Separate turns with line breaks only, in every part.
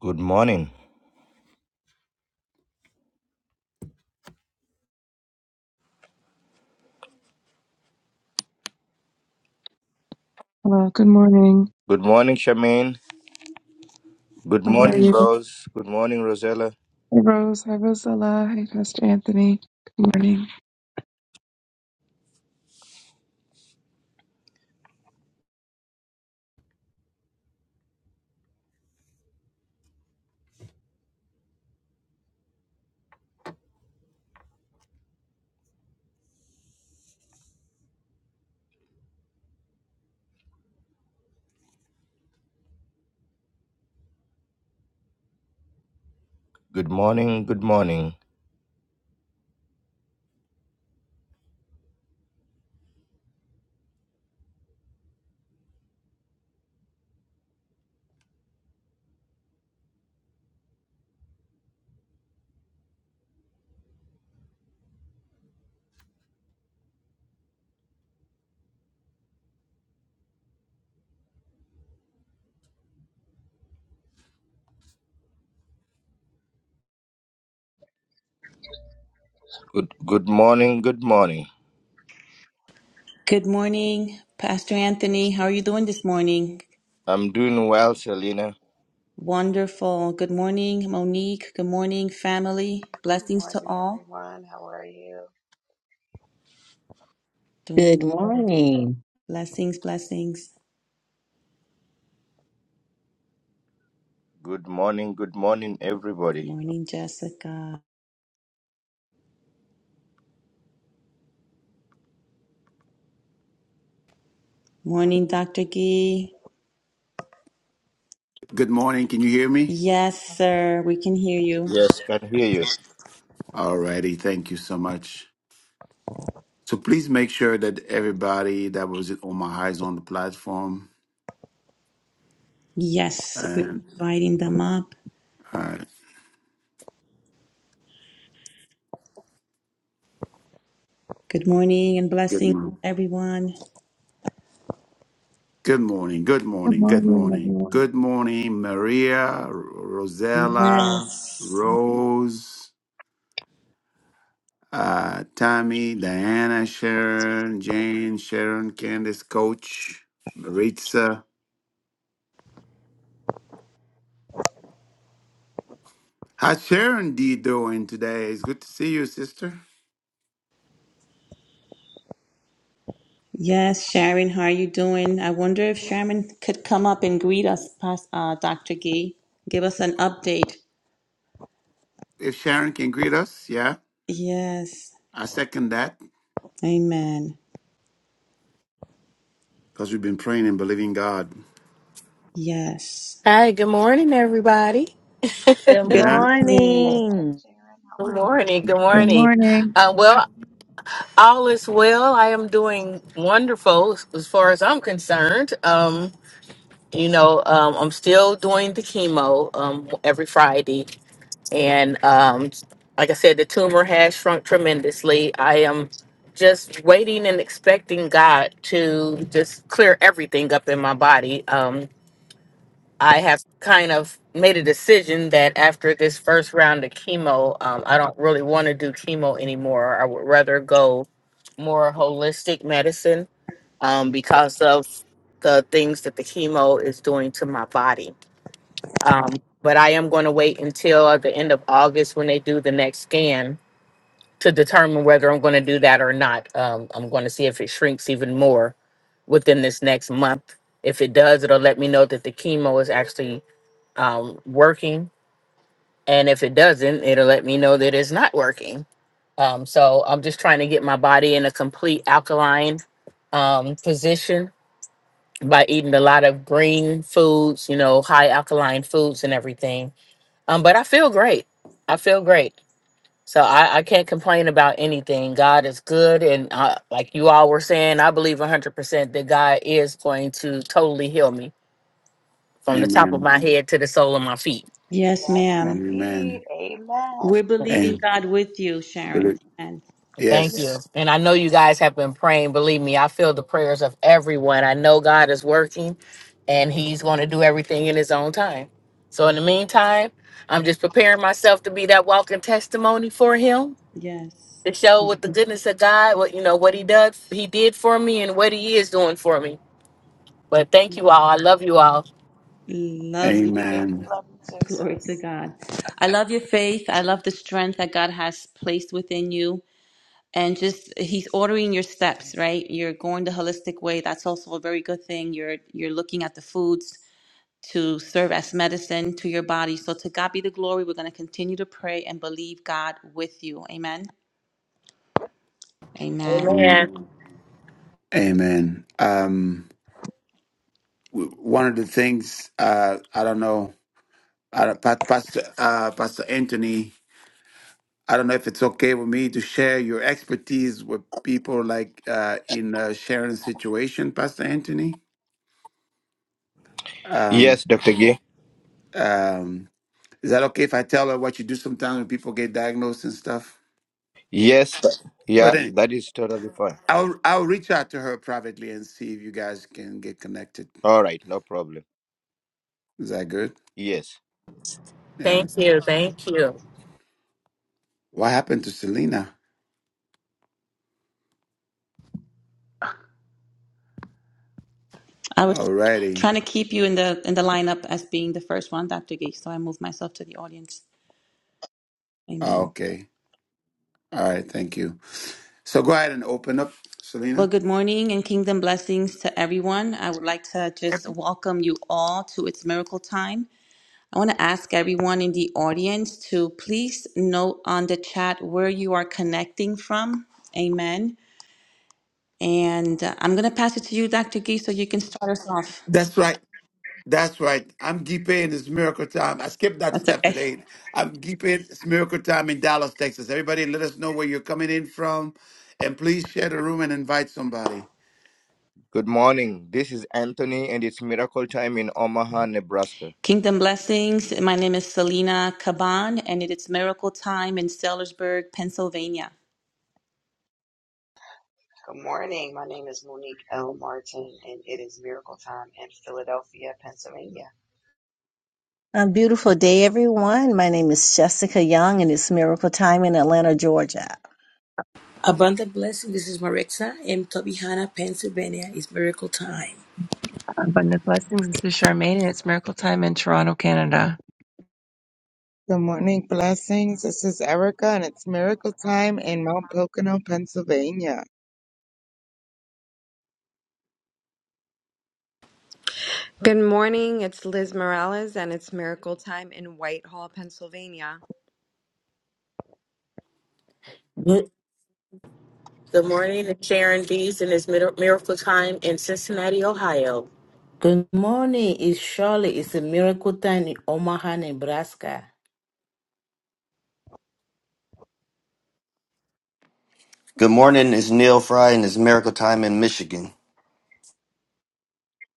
Good morning.
Hello, good morning.
Good morning, Shamin. Good
How are
morning,
you?
Rose. Good morning, Rosella.
Hey, Rose. Hi, Rosella. Hey, Pastor Anthony. Good morning.
Good morning. Good morning. Good good morning. Good morning.
Good morning, Pastor Anthony. How are you doing this morning?
I'm doing well, Selena.
Wonderful. Good morning, Monique. Good morning, family.
Good
Blessings to
morning,
all.
everyone. How are you?
Doing
Good morning.
blessings, blessings.
Good morning. Good morning, everybody.
Morning, Jessica. Morning, Dr. Gee.
Good morning. Can you hear me?
Yes, sir. We can hear you.
Yes, can hear you.
Alrighty. Thank you so much. So please make sure that everybody that was on my eyes on the platform.
Yes, we're
And
inviting them up.
uh,
Good morning and
good
blessings,
morning.
everyone.
Good morning. Good
Good
morning. Good
morning,
morning.
everyone.
Good morning, Maria, Rosella,
Yes.
Rose, uh, Tammy, Diana, Sharon, Jane, Sharon, Candace, Coach, Maritza. How's Sharon D doing today? It's good to see you, sister.
Yes, Sharon, how are you doing? I wonder if Sharon could come up and greet us, Pas- uh, Dr. Gee. Give us an update.
If Sharon can greet us, yeah.
Yes,
I second that
amen.
because we've been praying and believing God.
Yes.
Hi, good morning, everybody.
Good
Good
Yeah.
Hey,
morning.
hey,
morning.
Sharon. How
Good
are you?
morning. Good
Good
morning.
morning.
Uh, well, all is well. I am doing wonderful as as far as I'm concerned. Um, you know, um, I'm still doing the chemo um, every Friday, and um, like I said, the tumor has shrunk tremendously. I am just waiting and expecting God to just clear everything up in my body. Um, I have kind of made a decision that after this first round of chemo, um, I don't really want to do chemo anymore. I would rather go more holistic medicine um, because of the things that the chemo is doing to my body. Um, but I am going to wait until at the end of August when they do the next scan to determine whether I'm going to do that or not. Um, I'm going to see if it shrinks even more within this next month. If it does, it'll let me know that the chemo is actually um, working. And if it doesn't, it'll let me know that it's not working. Um, so I'm just trying to get my body in a complete alkaline um, position by eating a lot of green foods, you know, high alkaline foods and everything. Um, but I feel great. I feel great. So I, I can't complain about anything. God is good. And uh, like you all were saying, I believe 100% that God is going to totally heal me from the top of
Amen.
my head to the sole of my feet
Yes,
Yes,
ma'am.
indeed.
Amen.
Amen.
We're
Oh,
believing
And
God with you, Sharon.
believe.
And
Thank you.
Yes.
And I know you guys have been praying. Believe me, I feel the prayers of everyone. I know God is working and He's going to do everything in His own time. So, in the meantime, I'm just preparing myself to be that walking testimony for Him
yes,
to show what the goodness of God, what, you know, what He does, He did for me and what He is doing for me. But thank you all. I love you all.
love you.
we
Amen.
love you too,
Glory to
sis.
God. I love your faith. I love the strength that God has placed within you. and just he's ordering your steps right you're going the holistic way that's also a very good thing you're you're looking at the foods to serve as medicine to your body so to god be the glory we're going to continue to pray and believe god with you amen amen
Amen.
Amen. Um, w- one of the things uh, I don't know, I don't- Pa- Pastor uh, Pastor Anthony, I don't know if it's okay with me to share your expertise with people like uh, in uh, Sharon's situation, Pastor Anthony. Um,
Yes, Dr. Gay.
um, Is that okay if I tell her what you do sometimes when people get diagnosed and stuff?
Yes. Yeah,
But then
that is totally fine.
I'll I'll reach out to her privately and see if you guys can get connected.
All right, no problem.
Is that good?
Yes.
Yeah.
Thank you. Thank you.
What happened to Selena?
i was
Alrighty.
trying to keep you in the in the lineup as being the first one dr gay so i moved myself to the audience
Oh,
amen
okay. All right. Thank you. So go ahead and open up,
well,
Selena.
good morning and kingdom blessings to everyone. I would like to just welcome you all to its miracle time. I want to ask everyone in the audience to please note on the chat where you are connecting from. Amen. And uh, I'm going to pass it to you, Dr. Gee, so you can start us off.
That's right. That's right. I'm Gipe and it's Miracle Time. I skipped that
That's
step
okay.
today. I'm Gipe. and It's Miracle Time in Dallas, Texas. Everybody, let us know where you're coming in from, and please share the room and invite somebody.
Good morning. This is Anthony and it's miracle time in Omaha, Nebraska.
Kingdom blessings. My name is Selena Caban, and it is miracle time in Sellersburg, Pennsylvania.
Good morning. My name is Monique L. Martin, and it is Miracle Time in Philadelphia, Pennsylvania.
A beautiful day, everyone. My name is Jessica Young, and it's Miracle Time in Atlanta, Georgia.
Abundant blessing. This is Marixa in Tobihana, Pennsylvania. It's miracle time.
Abundant blessings. This is Charmaine, and it's Miracle Time in Toronto, Canada.
Good morning, blessings. This is Erica, and it's miracle time in Mount Pocono, Pennsylvania.
Good morning. It's Liz Morales and it's Miracle Time in Whitehall, Pennsylvania.
Good,
Good morning. It's Sharon Dees and this Mir- Miracle Time in Cincinnati, Ohio.
good morning. It's Shirley. It's a miracle time in Omaha, Nebraska.
Good morning. It's Neil Fry and it's Miracle Time in Michigan.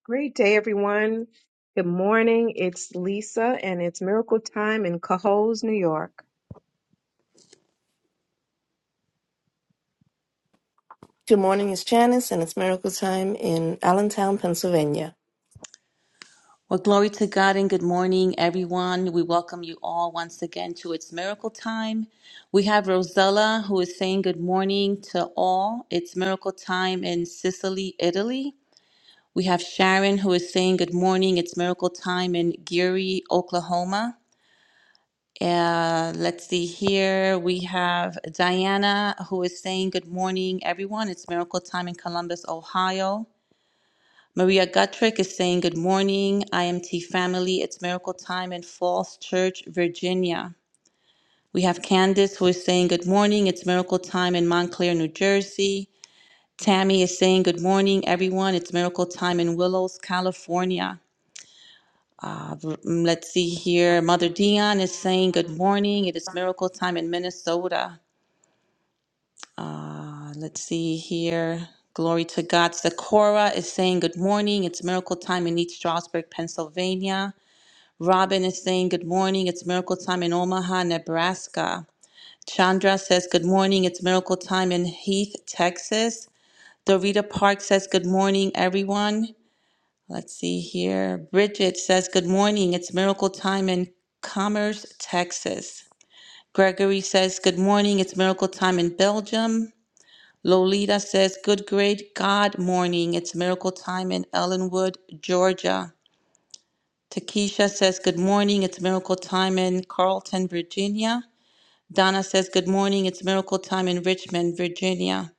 Great day, everyone. Good morning. It's Lisa, and it's miracle time in Cohoes, New York.
Good morning, it's Janice, and it's miracle time in Allentown, Pennsylvania.
Well, glory to God and good morning, everyone. We welcome you all once again to It's Miracle Time. We have Rosella who is saying good morning to all. It's Miracle Time in Sicily, Italy. We have Sharon who is saying good morning. It's Miracle Time in Geary, Oklahoma. Uh, let's see here. We have Diana who is saying good morning, everyone. It's Miracle Time in Columbus, Ohio. Maria Gutrick is saying, Good morning, IMT family. It's miracle time in Falls Church, Virginia. We have Candace who is saying, Good morning. It's miracle time in Montclair, New Jersey. Tammy is saying, Good morning, everyone. It's miracle time in Willows, California. Uh, v- mm, let's see here. Mother Dion is saying, Good morning. It is miracle time in Minnesota. Uh, let's see here. Glory to God. Sakura is saying, Good morning. It's miracle time in East Stroudsburg, Pennsylvania. Robin is saying, Good morning. It's miracle time in Omaha, Nebraska. Chandra says, Good morning. It's miracle time in Heath, Texas. Dorita Park says, Good morning, everyone. Let's see here. Bridget says, Good morning. It's miracle time in Commerce, Texas. Gregory says, Good morning. It's miracle time in Belgium. Lolita says, Good, great God morning. It's miracle time in Ellenwood, Georgia. Takesha says, Good morning, it's miracle time in Carlton, Virginia. Donna says, Good morning, it's miracle time in Richmond, Virginia.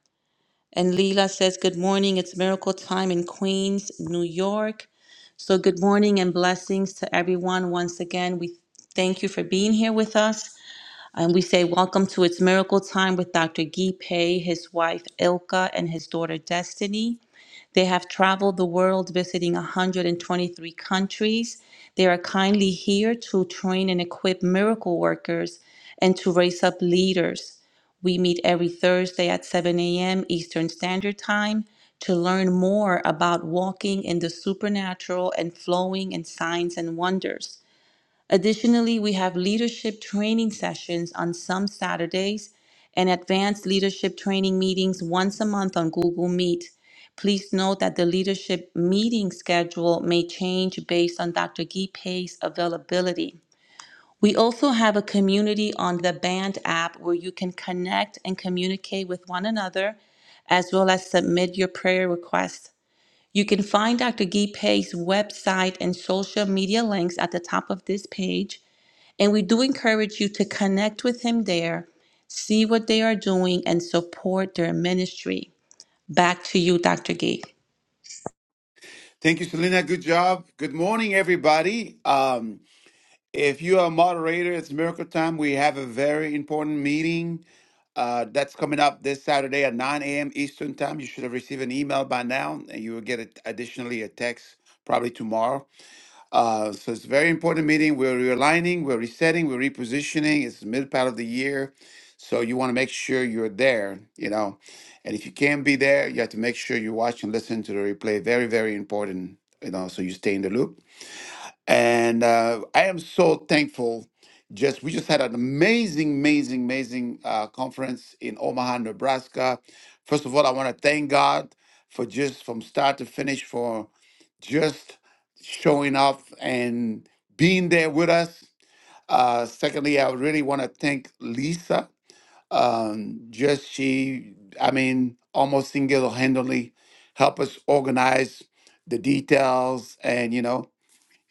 And Leela says, Good morning, it's miracle time in Queens, New York. So, good morning and blessings to everyone. Once again, we thank you for being here with us. And we say, Welcome to It's Miracle Time with Dr. Guy Pei, his wife Ilka, and his daughter Destiny. They have traveled the world visiting 123 countries. They are kindly here to train and equip miracle workers and to raise up leaders. We meet every Thursday at 7 a.m. Eastern Standard Time to learn more about walking in the supernatural and flowing in signs and wonders. Additionally, we have leadership training sessions on some Saturdays and advanced leadership training meetings once a month on Google Meet. Please note that the leadership meeting schedule may change based on Dr. Guy Pei's availability. We also have a community on the Band app where you can connect and communicate with one another as well as submit your prayer requests. You can find Dr. Guy Pei's website and social media links at the top of this page. And we do encourage you to connect with him there, see what they are doing, and support their ministry. Back to you, Dr. Gee.
Thank you, Selena. Good job. Good morning, everybody. Um, if you are a moderator, it's Miracle Time. We have a very important meeting uh, that's coming up this Saturday at 9 a.m. Eastern Time. You should have received an email by now, and you will get it additionally a text probably tomorrow. Uh, so it's a very important meeting. We're realigning, we're resetting, we're repositioning. It's the mid part of the year. So you want to make sure you're there, you know. And if you can't be there, you have to make sure you watch and listen to the replay. Very, very important, you know, so you stay in the loop and uh, I am so thankful. Just we just had an amazing, amazing, amazing uh, conference in Omaha, Nebraska. First of all, I want to thank God for just from start to finish for just showing up and being there with us. Uh, secondly, I really want to thank Lisa. Um, just she, I mean, almost single-handedly help us organize the details and you know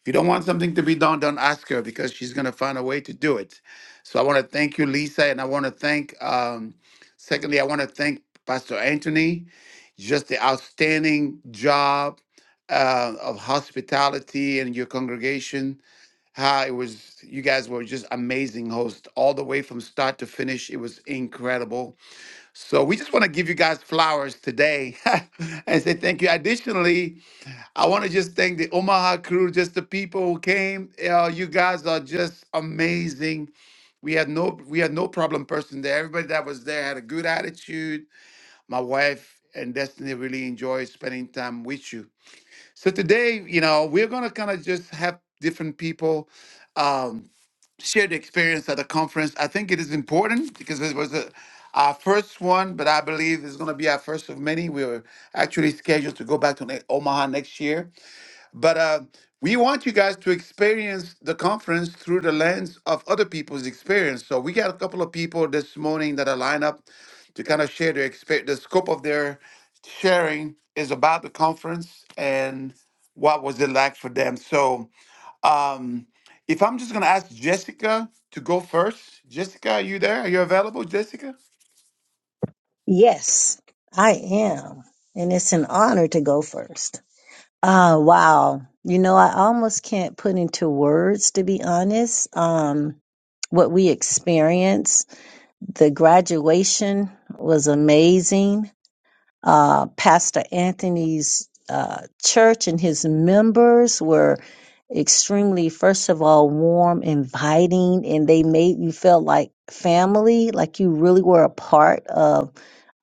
if you don't want something to be done, don't ask her because she's going to find a way to do it. So I want to thank you, Lisa, and I want to thank, um, secondly, I want to thank Pastor Anthony, just the outstanding job uh, of hospitality and your congregation. How it was, you guys were just amazing hosts all the way from start to finish. It was incredible. So we just want to give you guys flowers today and say thank you. Additionally, I want to just thank the Omaha crew, just the people who came. Uh, you guys are just amazing. We had no we had no problem person there. Everybody that was there had a good attitude. My wife and Destiny really enjoyed spending time with you. So today, you know, we're gonna kind of just have different people um, share the experience at the conference. I think it is important because it was a our first one, but I believe it's going to be our first of many. We We're actually scheduled to go back to Ne- Omaha next year. But uh, we want you guys to experience the conference through the lens of other people's experience. So we got a couple of people this morning that are lined up to kind of share their experience. The scope of their sharing is about the conference and what was it like for them. So um, if I'm just going to ask Jessica to go first. Jessica, are you there? Are you available, Jessica?
Yes, I am. And it's an honor to go first. Ah, wow. You know, I almost can't put into words, to be honest, um, what we experienced. The graduation was amazing. uh, Pastor Anthony's uh, church and his members were extremely, first of all, warm, inviting, and they made you feel like family, like you really were a part of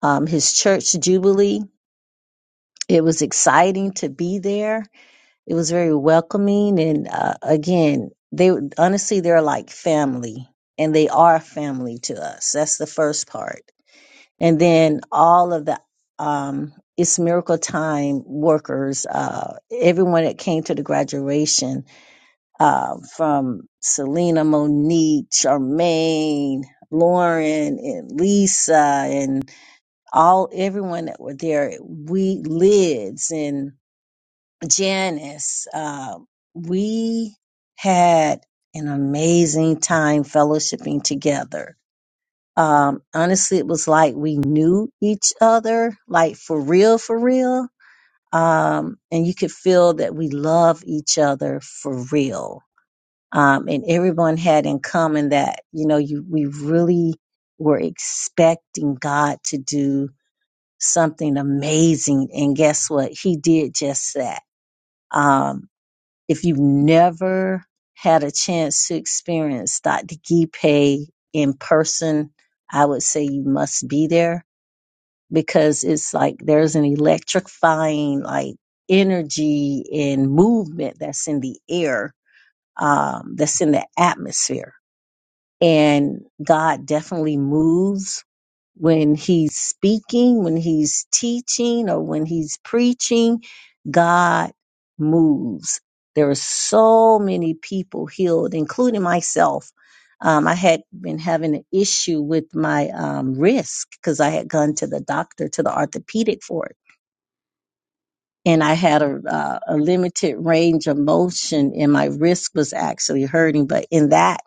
um, his church jubilee. It was exciting to be there. It was very welcoming, and uh, again, they honestly they're like family, and they are family to us. That's the first part and then all of the um, it's miracle time workers uh, everyone that came to the graduation uh, from selena monique charmaine lauren and lisa and all everyone that were there we lids and janice uh, we had an amazing time fellowshipping together um, honestly, it was like we knew each other, like for real, for real. Um, and you could feel that we love each other for real. Um, and everyone had in common that, you know, you, we really were expecting God to do something amazing. And guess what? He did just that. Um, if you've never had a chance to experience Dr. Gipe in person, I would say you must be there because it's like there's an electrifying like energy and movement that's in the air, um, that's in the atmosphere. And God definitely moves when he's speaking, when he's teaching, or when he's preaching. God moves. There are so many people healed, including myself. Um, I had been having an issue with my um, wrist because I had gone to the doctor, to the orthopedic for it. And I had a, uh, a limited range of motion, and my wrist was actually hurting. But in that,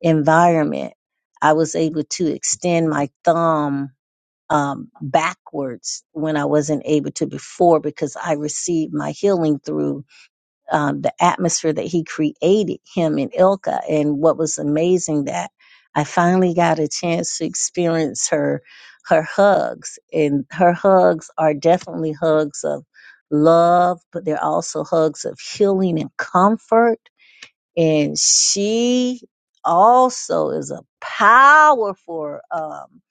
environment, I was able to extend my thumb um, backwards when I wasn't able to before because I received my healing through um, the atmosphere that he created him in Ilka. And what was amazing that I finally got a chance to experience her her hugs and her hugs are definitely hugs of love, but they're also hugs of healing and comfort and she also is a powerful um,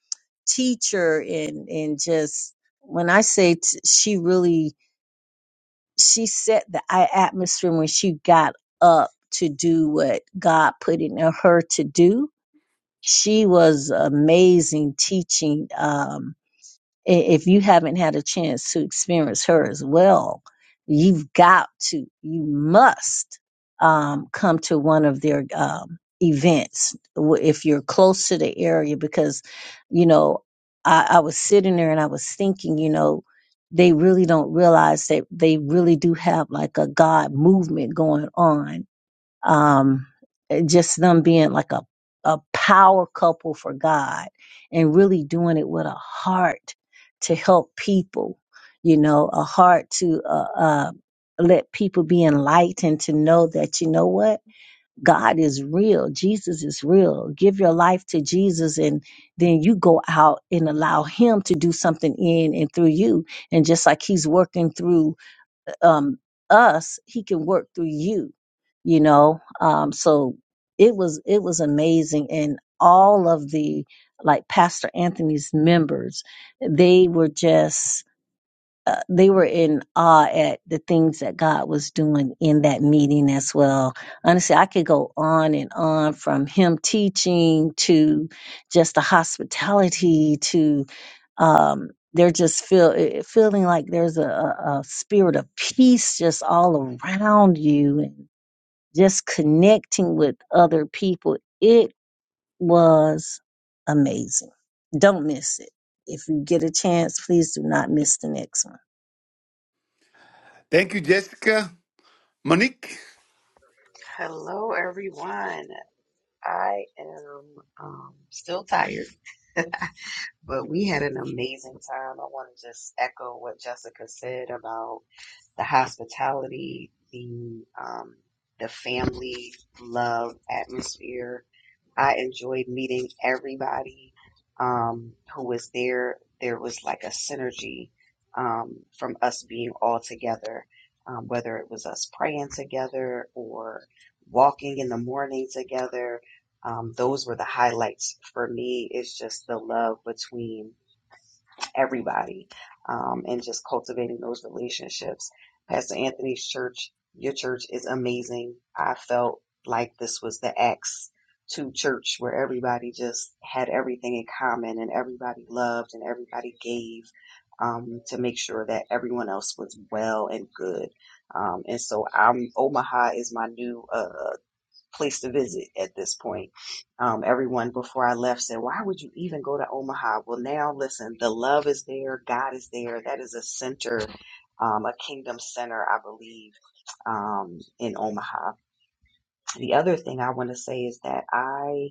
teacher and and just when I say t- she really she set the a- atmosphere when she got up to do what God put in her to do. She was amazing teaching. Um, i- if you haven't had a chance to experience her as well, you've got to, you must um, come to one of their um, events w- if you're close to the area because, you know, I, I was sitting there and I was thinking, you know, they really don't realize that they really do have like a God movement going on um, just them being like a, a power couple for God and really doing it with a heart to help people, you know, a heart to uh, uh, let people be enlightened to know that, you know what? God is real. Jesus is real. Give your life to Jesus and then you go out and allow him to do something in and through you. And just like he's working through um, us, He can work through you. You know, um, so it was it was amazing, and all of the like Pastor Anthony's members, they were just uh, they were in awe at the things that God was doing in that meeting as well. Honestly, I could go on and on from him teaching to just the hospitality to um, they're just feel it- feeling like there's a, a a spirit of peace just all around you and just connecting with other people. It was amazing. Don't miss it. If you get a chance, please do not miss the next one.
Thank you, Jessica. Monique,
Hello, everyone. I am um, still tired, but we had an amazing time. I want to just echo what Jessica said about. the hospitality, the um, the family love atmosphere. I enjoyed meeting everybody um, who was there. There was like a synergy um, from us being all together, um, whether it was us praying together or walking in the morning together. Um, those were the highlights for me. It's just the love between everybody um, and just cultivating those relationships. Pastor Anthony's church, your church is amazing. I felt like this was the Acts to church where everybody just had everything in common and everybody loved and everybody gave um, to make sure that everyone else was well and good. Um, and so I'm Omaha is my new uh, place to visit at this point. Um, everyone before I left said, Why would you even go to Omaha? Well, now listen, the love is there, God is there. That is a center, um, a kingdom center, I believe, um, in Omaha. The other thing I want to say is that I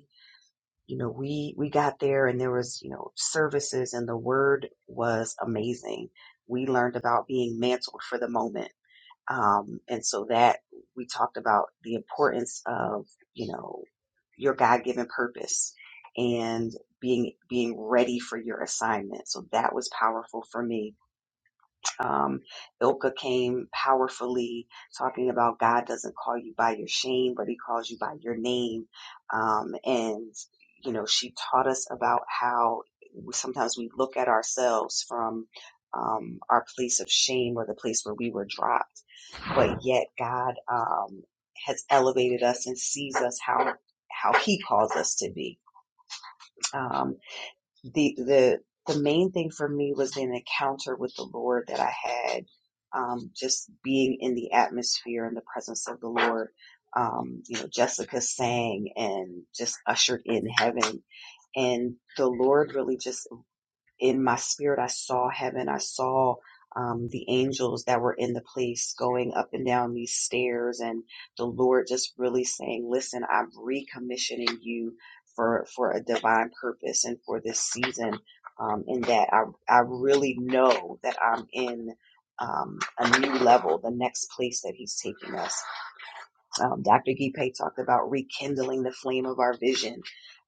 you know we we got there and there was you know services and the word was amazing we learned about being mantled for the moment um, and so that we talked about the importance of, you know, your God given purpose and being, being ready for your assignment. So that was powerful for me. Um, Ilka came powerfully talking about God doesn't call you by your shame, but he calls you by your name. Um, and, you know, she taught us about how sometimes we look at ourselves from, um, our place of shame or the place where we were dropped but yet God um, has elevated us and sees us how how He calls us to be. Um, the the the main thing for me was an encounter with the Lord that I had, um, just being in the atmosphere and the presence of the Lord. Um, you know, Jessica sang and just ushered in heaven, and the Lord really just in my spirit, I saw heaven. I saw um, the angels that were in the place going up and down these stairs, and the Lord just really saying, "Listen, I'm recommissioning you for for a divine purpose and for this season." Um, in that I I really know that I'm in um, a new level, the next place that He's taking us um, Dr. Gipe talked about rekindling the flame of our vision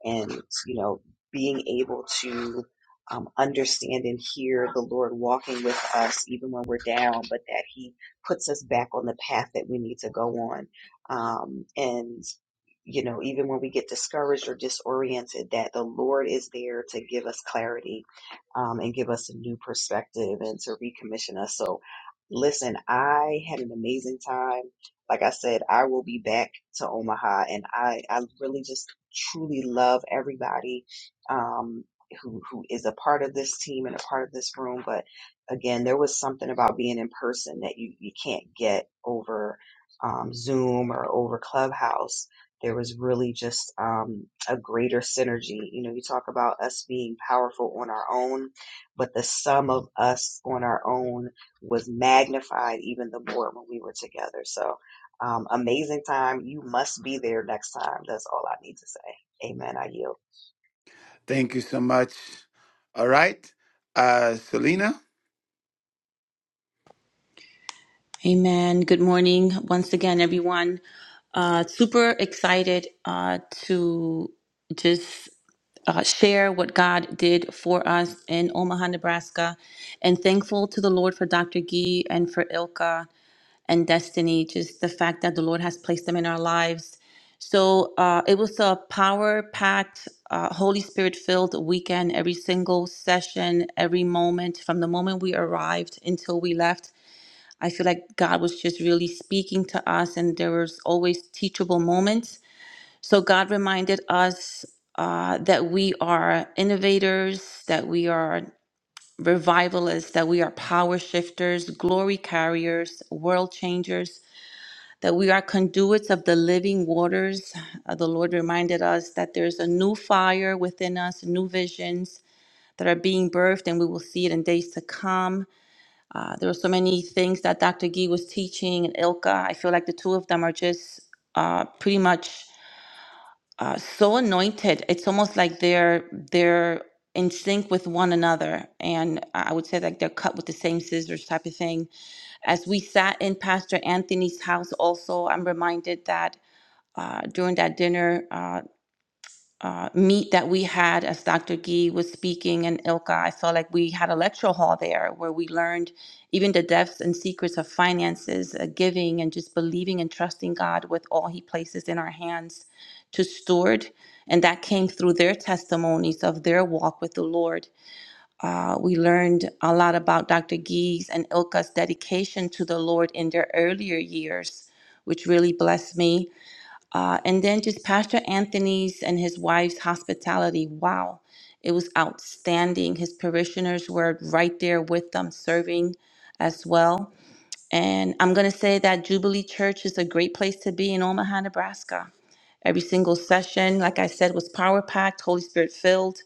and, you know, being able to um, understand and hear the Lord walking with us even when we're down, but that He puts us back on the path that we need to go on. Um, and you know, even when we get discouraged or disoriented, that the Lord is there to give us clarity um, and give us a new perspective and to recommission us. So, listen, I had an amazing time. Like I said, I will be back to Omaha, and I, I really just truly love everybody um, who who is a part of this team and a part of this room. But again, there was something about being in person that you you can't get over um, Zoom or over Clubhouse there was really just um, a greater synergy. You know, you talk about us being powerful on our own, but the sum of us on our own was magnified even the more when we were together. So, um, amazing time. You must be there next time. That's all I need to say. Amen. I yield.
thank you so much. All right. Uh, Selena.
Amen. Good morning once again, everyone. Uh, super excited uh, to just uh, share what God did for us in Omaha, Nebraska, and thankful to the Lord for Dr. Gee and for Ilka. and destiny, just the fact that the Lord has placed them in our lives. So uh, it was a power packed, uh, Holy Spirit filled weekend. Every single session, every moment, from the moment we arrived until we left, I feel like God was just really speaking to us, and there was always teachable moments. So God reminded us uh, that we are innovators, that we are revivalists, that we are power shifters, glory carriers, world changers that we are conduits of the living waters. Uh, the Lord reminded us that there's a new fire within us, new visions that are being birthed, and we will see it in days to come. Uh, there were so many things that Dr. Gee was teaching and Ilka. I feel like the two of them are just uh, pretty much uh, so anointed. It's almost like they're they're in sync with one another, and I would say like they're cut with the same scissors type of thing. As we sat in Pastor Anthony's house, also, I'm reminded that uh, during that dinner uh, uh, meet that we had as Dr. Gee was speaking and Ilka, I felt like we had a lecture hall there where we learned even the depths and secrets of finances, uh, giving, and just believing and trusting God with all He places in our hands to steward. And that came through their testimonies of their walk with the Lord. Uh, we learned a lot about Dr. Gee's and Ilka's dedication to the Lord in their earlier years, which really blessed me uh, and then just Pastor Anthony's and his wife's hospitality. Wow, it was outstanding. His parishioners were right there with them serving as well. And I'm going to say that Jubilee Church is a great place to be in Omaha, Nebraska. Every single session, like I said, was power packed, Holy Spirit filled.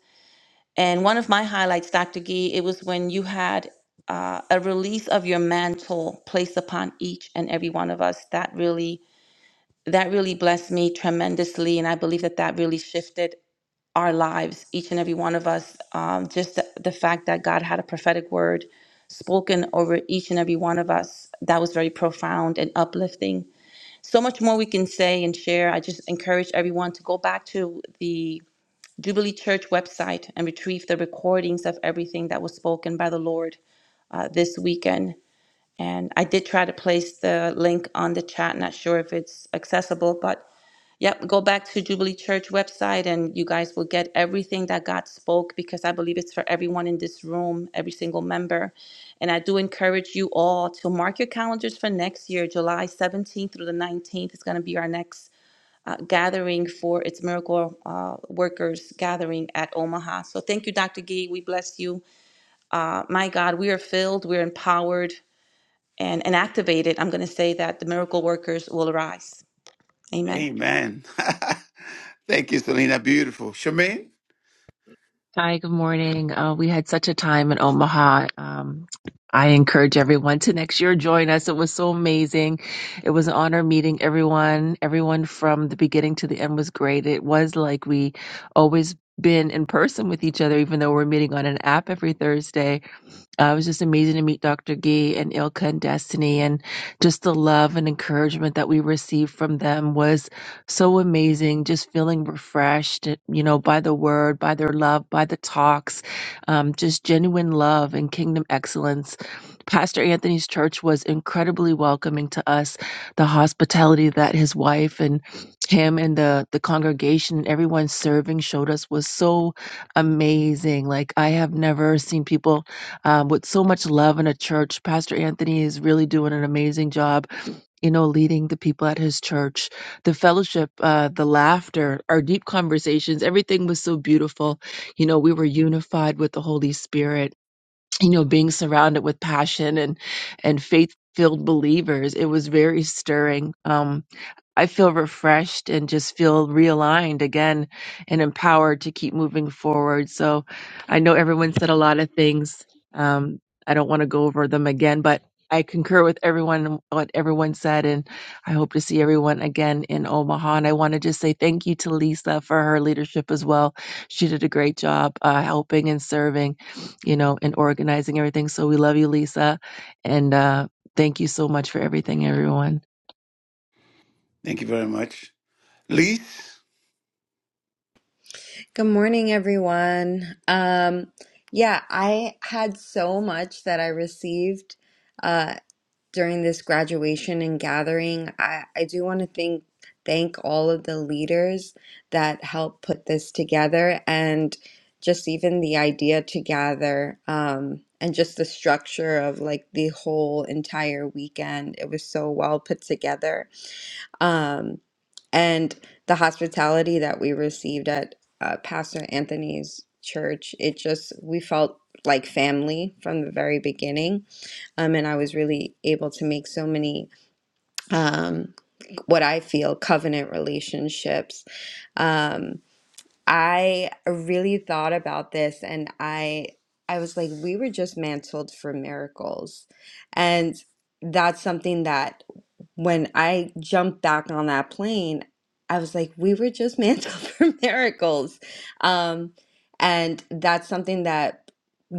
And one of my highlights, Dr. Gee, it was when you had uh, a release of your mantle placed upon each and every one of us. That really that really blessed me tremendously. And I believe that that really shifted our lives, each and every one of us. Um, just the, the fact that God had a prophetic word spoken over each and every one of us, that was very profound and uplifting. So much more we can say and share. I just encourage everyone to go back to the Jubilee Church website and retrieve the recordings of everything that was spoken by the Lord uh, this weekend. And I did try to place the link on the chat, not sure if it's accessible, but Yep, go back to Jubilee Church website and you guys will get everything that God spoke because I believe it's for everyone in this room, every single member. And I do encourage you all to mark your calendars for next year, July 17th through the 19th It's going to be our next uh, gathering for its Miracle uh, Workers gathering at Omaha. So thank you, Dr. Gee. We bless you. Uh, my God, we are filled, we're empowered and, and activated. I'm going to say that the miracle workers will arise. Amen.
Amen. thank you, Selena. Beautiful. Charmaine,
Hi, good morning. Uh, we had such a time in Omaha. Um, I encourage everyone to next year join us. It was so amazing. It was an honor meeting everyone. Everyone from the beginning to the end was great. It was like we always been in person with each other, even though we're meeting on an app every Thursday. Uh, it was just amazing to meet Dr. Gee and Ilka and Destiny, and just the love and encouragement that we received from them was so amazing, just feeling refreshed, eh, you know, by the word, by their love, by the talks, um, just genuine love and kingdom excellence. Pastor Anthony's church was incredibly welcoming to us. The hospitality that his wife and him and the the congregation and everyone serving showed us was so amazing. Like I have never seen people um, with so much love in a church. Pastor Anthony is really doing an amazing job you know, leading the people at his church, the fellowship, uh, the laughter, our deep conversations, everything was so beautiful. You know, we were unified with the Holy Spirit, you know, being surrounded with passion and, and faith filled believers. It was very stirring. Um, I feel refreshed and just feel realigned again and empowered to keep moving forward. So I know everyone said a lot of things. Um, I don't want to go over them again, but I concur with everyone and what everyone said, and I hope to see everyone again in Omaha. And I want to just say thank you to Lisa for her leadership as well. She did a great job uh, helping and serving, you know, and organizing everything. So we love you, Lisa, and uh, thank you so much for everything, everyone.
thank you very much. Lise,
Good morning, everyone. Um, yeah, I had so much that I received uh, during this graduation and gathering. I, I do want to thank thank all of the leaders that helped put this together and just even the idea to gather um, and just the structure of like the whole entire weekend. It was so well put together Um, and the hospitality that we received at uh, Pastor Anthony's church, it just, we felt like family from the very beginning. Um, and I was really able to make so many, um, what I feel covenant relationships. Um, I really thought about this and I, I was like, we were just mantled for miracles. And that's something that when I jumped back on that plane, I was like, we were just mantled for miracles. Um, and that's something that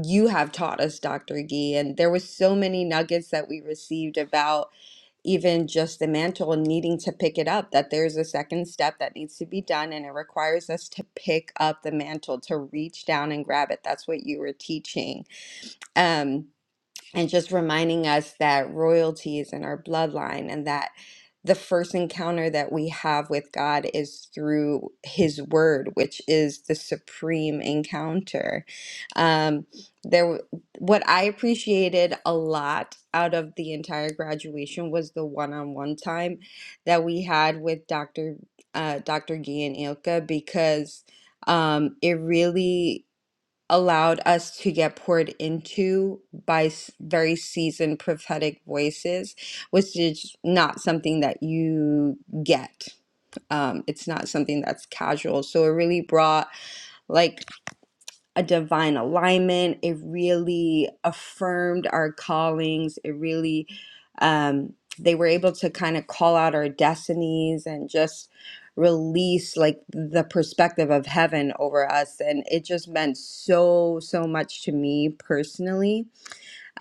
you have taught us, Dr. Gee. And there was so many nuggets that we received about even just the mantle and needing to pick it up, that there's a second step that needs to be done. And it requires us to pick up the mantle, to reach down and grab it. That's what you were teaching. Um, and just reminding us that royalty is in our bloodline and that the first encounter that we have with God is through His Word, which is the supreme encounter. Um, there, w- what I appreciated a lot out of the entire graduation was the one-on-one time that we had with Dr. Uh, Dr. Guy and Ilka because um, it really allowed us to get poured into by s- very seasoned prophetic voices, which is not something that you get. Um, it's not something that's casual. So it really brought like a divine alignment. It really affirmed our callings. It really, um, they were able to kind of call out our destinies and just release like the perspective of heaven over us. And it just meant so, so much to me personally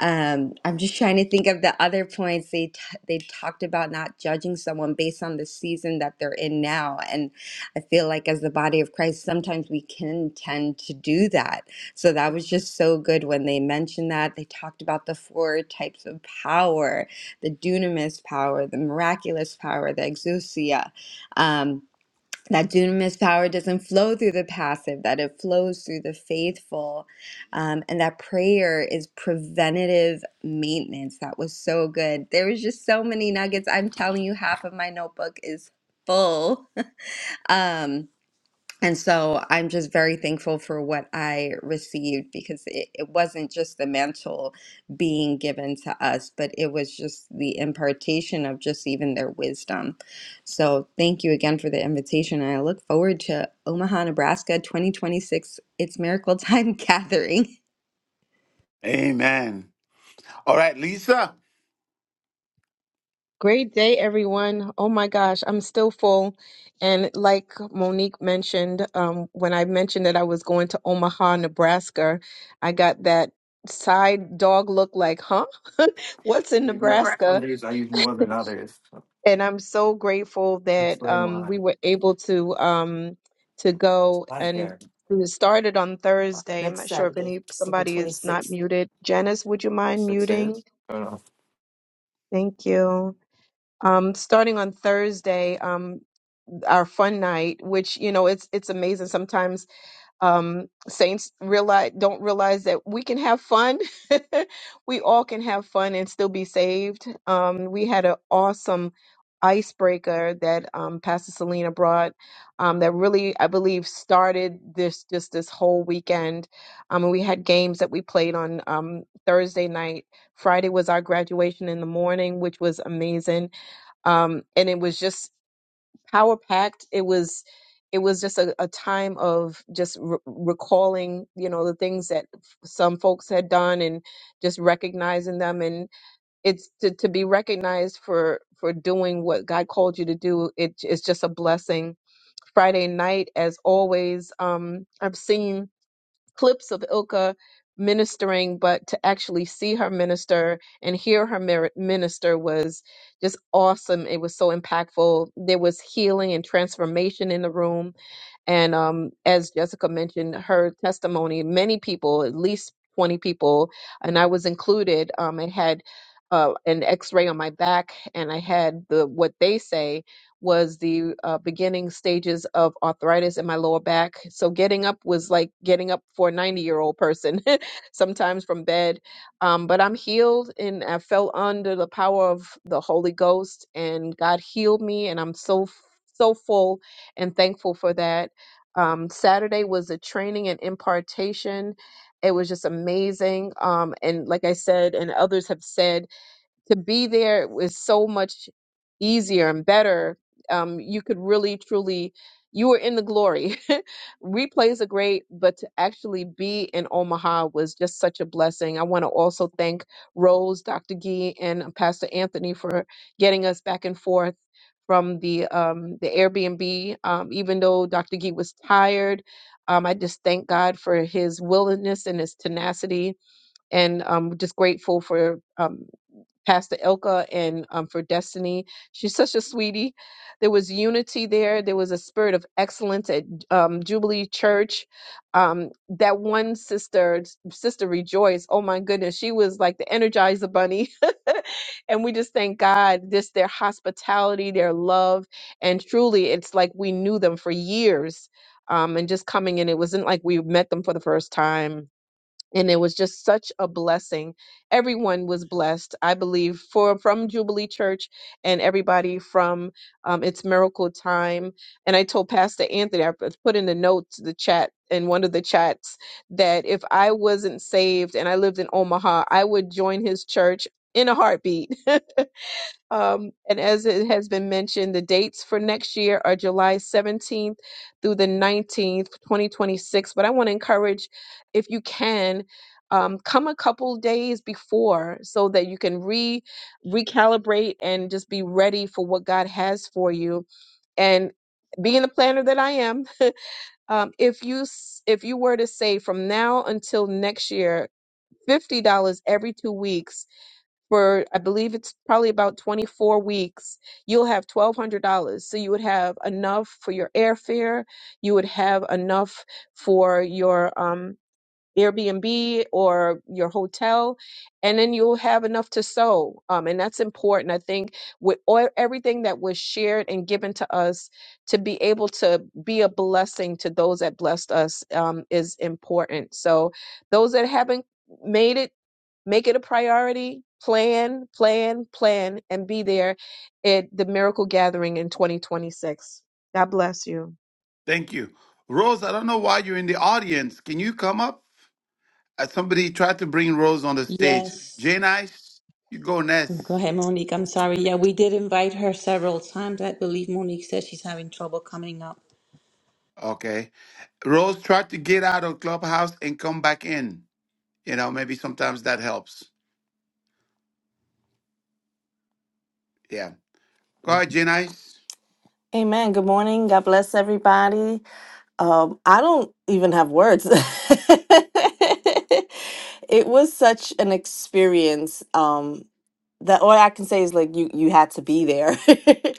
um, I'm just trying to think of the other points they t they talked about not judging someone based on the season that they're in now, and I feel like as the body of Christ, sometimes we can tend to do that. So that was just so good when they mentioned that. They talked about the four types of power, the dunamis power, the miraculous power, the exousia. Um, that dunamis power doesn't flow through the passive, that it flows through the faithful, um, and that prayer is preventative maintenance. That was so good. There was just so many nuggets. I'm telling you, half of my notebook is full. Um, and so I'm just very thankful for what I received because it, it wasn't just the mantle being given to us, but it was just the impartation of just even their wisdom. So thank you again for the invitation. And I look forward to Omaha, Nebraska 2026. It's Miracle Time Gathering.
amen. All right, Lisa,
Great day, everyone. Oh my gosh, I'm still full. And like Monique mentioned, um, when I mentioned that I was going to Omaha, Nebraska, I got that side dog look like, huh? What's in Nebraska? and I'm so grateful that um, we were able to um, to go and we started on Thursday. I'm not sure if any somebody is not muted. Janice, would you mind muting? Thank you. Um, starting on Thursday, um, our fun night, which you know, it's it's amazing sometimes um, saints realize don't realize that we can have fun. we all can have fun and still be saved. Um, we had an awesome icebreaker that um, Pastor Selena brought um, that really, I believe, started this just this whole weekend. Um, and we had games that we played on um, Thursday night. Friday was our graduation in the morning, which was amazing. Um, and it was just power packed it was it was just a, a time of just re- recalling you know the things that f- some folks had done and just recognizing them and it's to, to be recognized for for doing what god called you to do it, it's just a blessing friday night as always um i've seen clips of Ilka ministering, but to actually see her minister and hear her mer- minister was just awesome. It was so impactful. There was healing and transformation in the room and um, as Jessica mentioned, her testimony, many people, at least 20 people, and I was included, um, I had uh, an x ray on my back, and I had the what they say was the uh, beginning stages of arthritis in my lower back. So getting up was like getting up for a 90 year old person, sometimes from bed. Um, but I'm healed, and I fell under the power of the Holy Ghost, and God healed me, and I'm so, so full and thankful for that um, Saturday was a training and impartation. It was just amazing. Um, and like I said, and others have said, to be there was so much easier and better. Um, you could really, truly, you were in the glory. Replays are great, but to actually be in Omaha was just such a blessing. I want to also thank Rose, Dr. Gee, and Pastor Anthony for getting us back and forth from the um, the Airbnb. Um, even though Dr. Gee was tired, um, I just thank God for his willingness and his tenacity, and um, just grateful for. Um, Pastor Elka and um, for Destiny. She's such a sweetie. There was unity there. There was a spirit of excellence at um, Jubilee Church. Um, that one sister, Sister Rejoice, oh my goodness, she was like the Energizer Bunny. and we just thank God, this their hospitality, their love. And truly, it's like we knew them for years. Um, and just coming in, it wasn't like we met them for the first time and it was just such a blessing. Everyone was blessed, I believe, for from Jubilee Church and everybody from um, It's Miracle Time. And I told Pastor Anthony, I put in the notes, the chat, in one of the chats, that if I wasn't saved and I lived in Omaha, I would join his church in a heartbeat. Um, and as it has been mentioned, the dates for next year are July 17th through the 19th, 2026. But I want to encourage, if you can, um, come a couple days before so that you can re recalibrate and just be ready for what God has for you. And being the planner that I am, um, if you s- if you were to say from now until next year, fifty dollars every two weeks for I believe it's probably about 24 weeks, you'll have $1,200. So you would have enough for your airfare, you would have enough for your um, Airbnb or your hotel, and then you'll have enough to sow. Um, and that's important, I think, with all, everything that was shared and given to us to be able to be a blessing to those that blessed us um, is important. So, those that haven't made it, make it a priority. Plan, plan, plan, and be there at the Miracle Gathering in 2026. God bless you.
thank you. Rose, I don't know why you're in the audience. Can you come up? Uh, somebody tried to bring Rose on the stage.
Yes.
Jane Ice, you go next.
Go ahead, Monique. I'm sorry. Yeah, we did invite her several times. I believe Monique said she's having trouble coming up.
Okay. Rose tried to get out of Clubhouse and come back in. You know, maybe sometimes that helps. Yeah. Go ahead, Jane Ice.
Amen. Good morning. God bless everybody. Um, I don't even have words. it was such an experience. Um, that all I can say is like you you had to be there.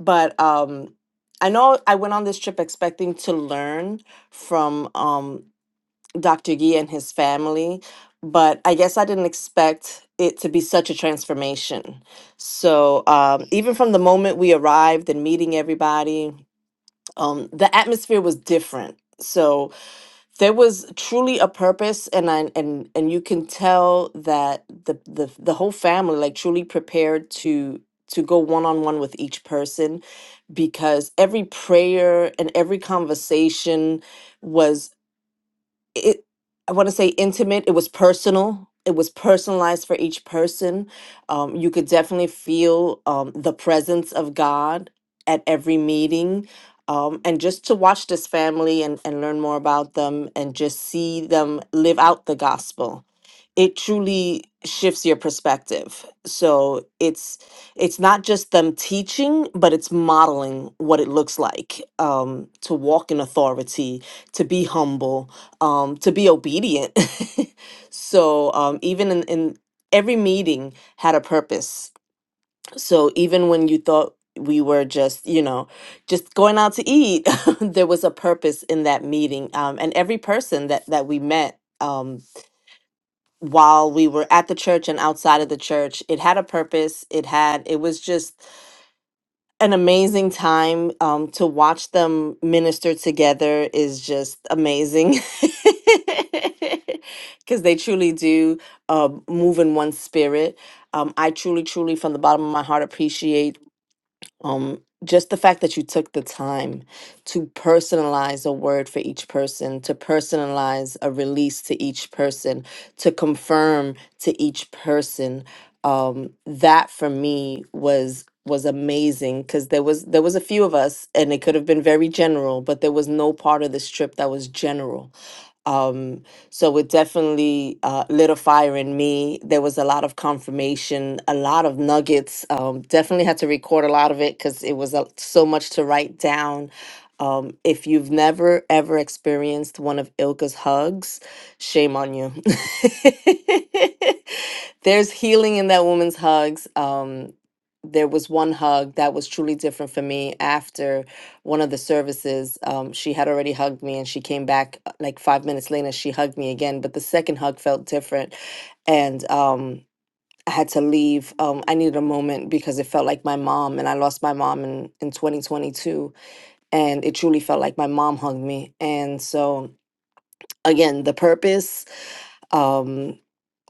but um, I know I went on this trip expecting to learn from um, Dr. Gee and his family, but I guess I didn't expect it to be such a transformation. So, um, even from the moment we arrived and meeting everybody, um, the atmosphere was different. So there was truly a purpose, and I and and you can tell that the the the whole family like truly prepared to to go one on one with each person because every prayer and every conversation was it i want to say intimate it was personal it was personalized for each person um, you could definitely feel um, the presence of god at every meeting um, and just to watch this family and, and learn more about them and just see them live out the gospel it truly shifts your perspective so it's it's not just them teaching but it's modeling what it looks like um, to walk in authority to be humble um, to be obedient. so um, even in, in every meeting had a purpose. So even when you thought we were just, you know, just going out to eat, there was a purpose in that meeting. Um, and every person that that we met um, while we were at the church and outside of the church, it had a purpose. It had it was just an amazing time um, to watch them minister together is just amazing because they truly do uh, move in one spirit. Um, I truly, truly, from the bottom of my heart, appreciate um, just the fact that you took the time to personalize a word for each person, to personalize a release to each person, to confirm to each person, um, that for me was was amazing because there was there was a few of us and it could have been very general, but there was no part of this trip that was general um, so it definitely uh, lit a fire in me. There was a lot of confirmation, a lot of nuggets. Um, definitely had to record a lot of it because it was uh, so much to write down. Um, if you've never ever experienced one of Ilka's hugs, shame on you. There's healing in that woman's hugs. Um, there was one hug that was truly different for me after one of the services um, she had already hugged me and she came back uh, like five minutes later she hugged me again but the second hug felt different and um, i had to leave um, i needed a moment because it felt like my mom and i lost my mom in, in 2022 and it truly felt like my mom hugged me and so again the purpose um,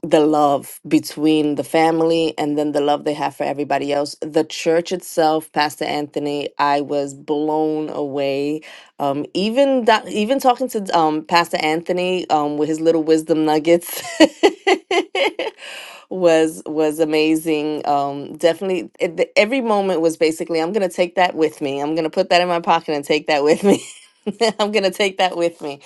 the love between the family and then the love they have for everybody else. The church itself, Pastor Anthony, I was blown away. Um, even that, even talking to um, Pastor Anthony um, with his little wisdom nuggets was was amazing. Um, definitely, it, the- every moment was basically, I'm gonna take that with me. I'm gonna put that in my pocket and take that with me. I'm gonna take that with me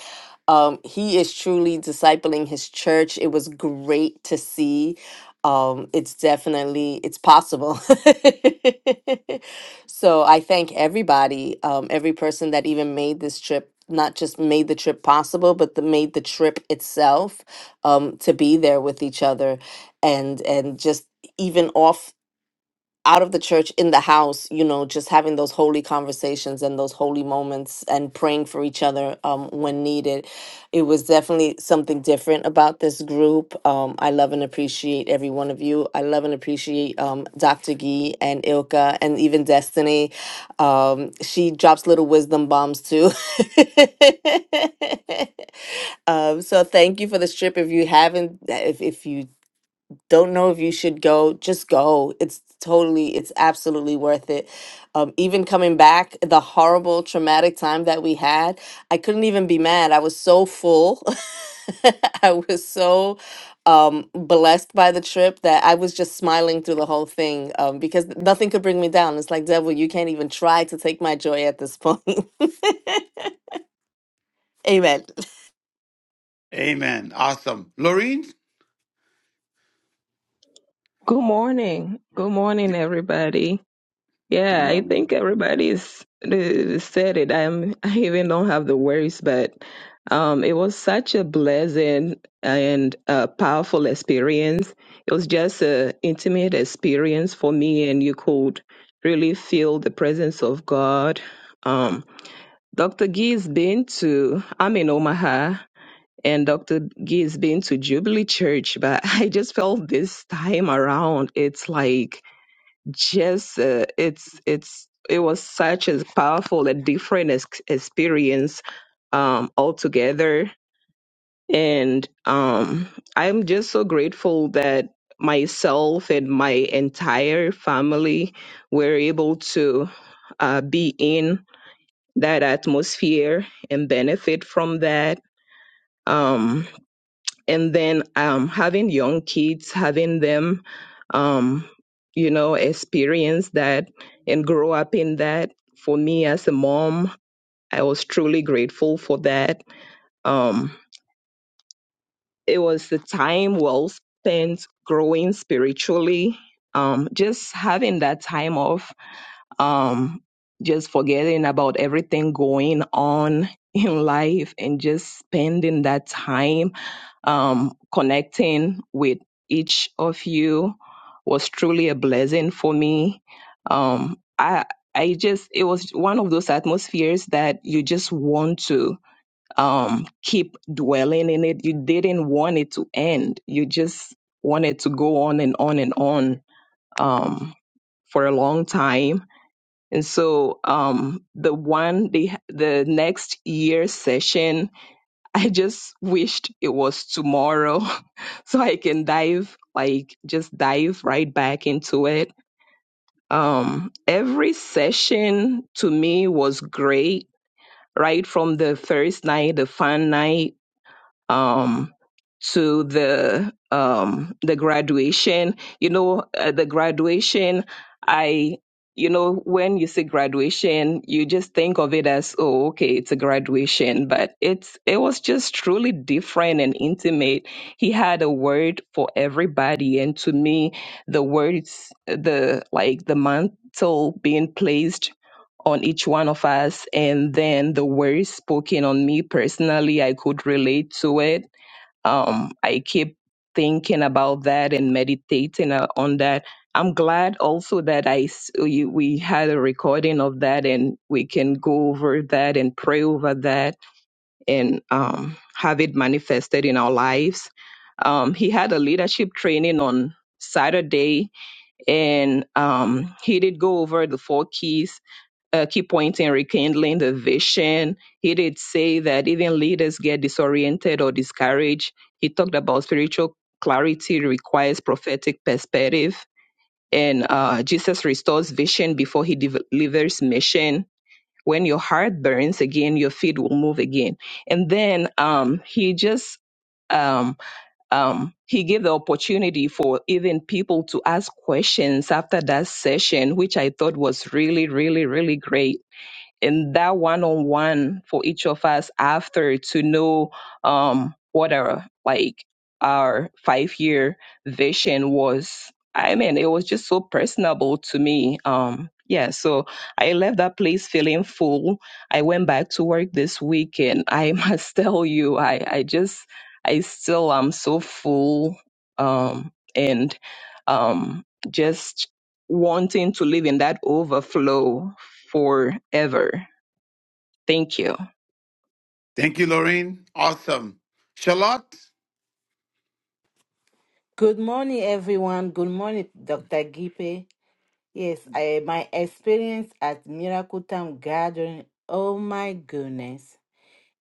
um, he is truly discipling his church. It was great to see. Um, it's definitely it's possible. so I thank everybody, um, every person that even made this trip, not just made the trip possible, but the, made the trip itself um, to be there with each other, and and just even off out of the church in the house you know just having those holy conversations and those holy moments and praying for each other um, when needed it was definitely something different about this group um, i love and appreciate every one of you i love and appreciate um, dr gee and ilka and even destiny um, she drops little wisdom bombs too um, so thank you for this trip if you haven't if, if you don't know if you should go just go it's totally it's absolutely worth it um, even coming back the horrible traumatic time that we had i couldn't even be mad i was so full i was so um, blessed by the trip that i was just smiling through the whole thing um, because nothing could bring me down it's like devil you can't even try to take my joy at this point amen
Amen. Awesome. Lorene?
Good morning. Good morning, everybody.
Good
Yeah, I
morning.
think everybody's uh, said it. I'm, I even don't have the words, but um, it was such a blessing and a powerful experience. It was just a intimate experience for me, and you could really feel the presence of God. Um, Dr. Gee's been to, I'm in Omaha, and Dr. Gee has been to Jubilee Church, but I just felt this time around it's like just uh, it's it's it was such a powerful a different ex- experience um, altogether, and um, I'm just so grateful that myself and my entire family were able to uh, be in that atmosphere and benefit from that. Um, and then um, having young kids, having them, um, you know, experience that and grow up in that. For me as a mom, I was truly grateful for that. Um, it was a time well spent growing spiritually, um, just having that time off, um, just forgetting about everything going on in life and just spending that time um, connecting with each of you was truly a blessing for me. Um, I I just it was one of those atmospheres that you just want to um, keep dwelling in it. You didn't want it to end. You just wanted to go on and on and on um, for a long time. And so um, the one the the next year session I just wished it was tomorrow so I can dive, like just dive right back into it. Um, every session to me was great, right from the first night, the fun night um, to the um, the graduation. You know, uh, the graduation. I, you know, when you say graduation, you just think of it as, oh, okay, it's a graduation, but it's it was just truly different and intimate. He had a word for everybody, and to me, the words, the like, the mantle being placed on each one of us. And then the word spoken on me personally, I could relate to it. Um, I keep thinking about that and meditating uh, on that. I'm glad also that I s- we we had a recording of that and we can go over that and pray over that and um, have it manifested in our lives. Um, he had a leadership training on Saturday and um, he did go over the four keys a key point in rekindling the vision. He did say that even leaders get disoriented or discouraged. He talked about spiritual clarity requires prophetic perspective, and uh, Jesus restores vision before he de- delivers mission. When your heart burns again, your feet will move again. And then um, he just um, um, he gave the opportunity for even people to ask questions after that session, which I thought was really, really, really great in that one-on-one for each of us after to know um what our like our five-year vision was i mean it was just so personable to me um yeah so i left that place feeling full i went back to work this week and i must tell you i i just i still am so full um and um just wanting to live in that overflow forever. Thank you.
Thank you, Lorraine. Awesome. Charlotte,
Good morning, everyone. Good morning, Dr. Gipe. Yes, I, my experience at Miracle Time Gathering, oh my goodness,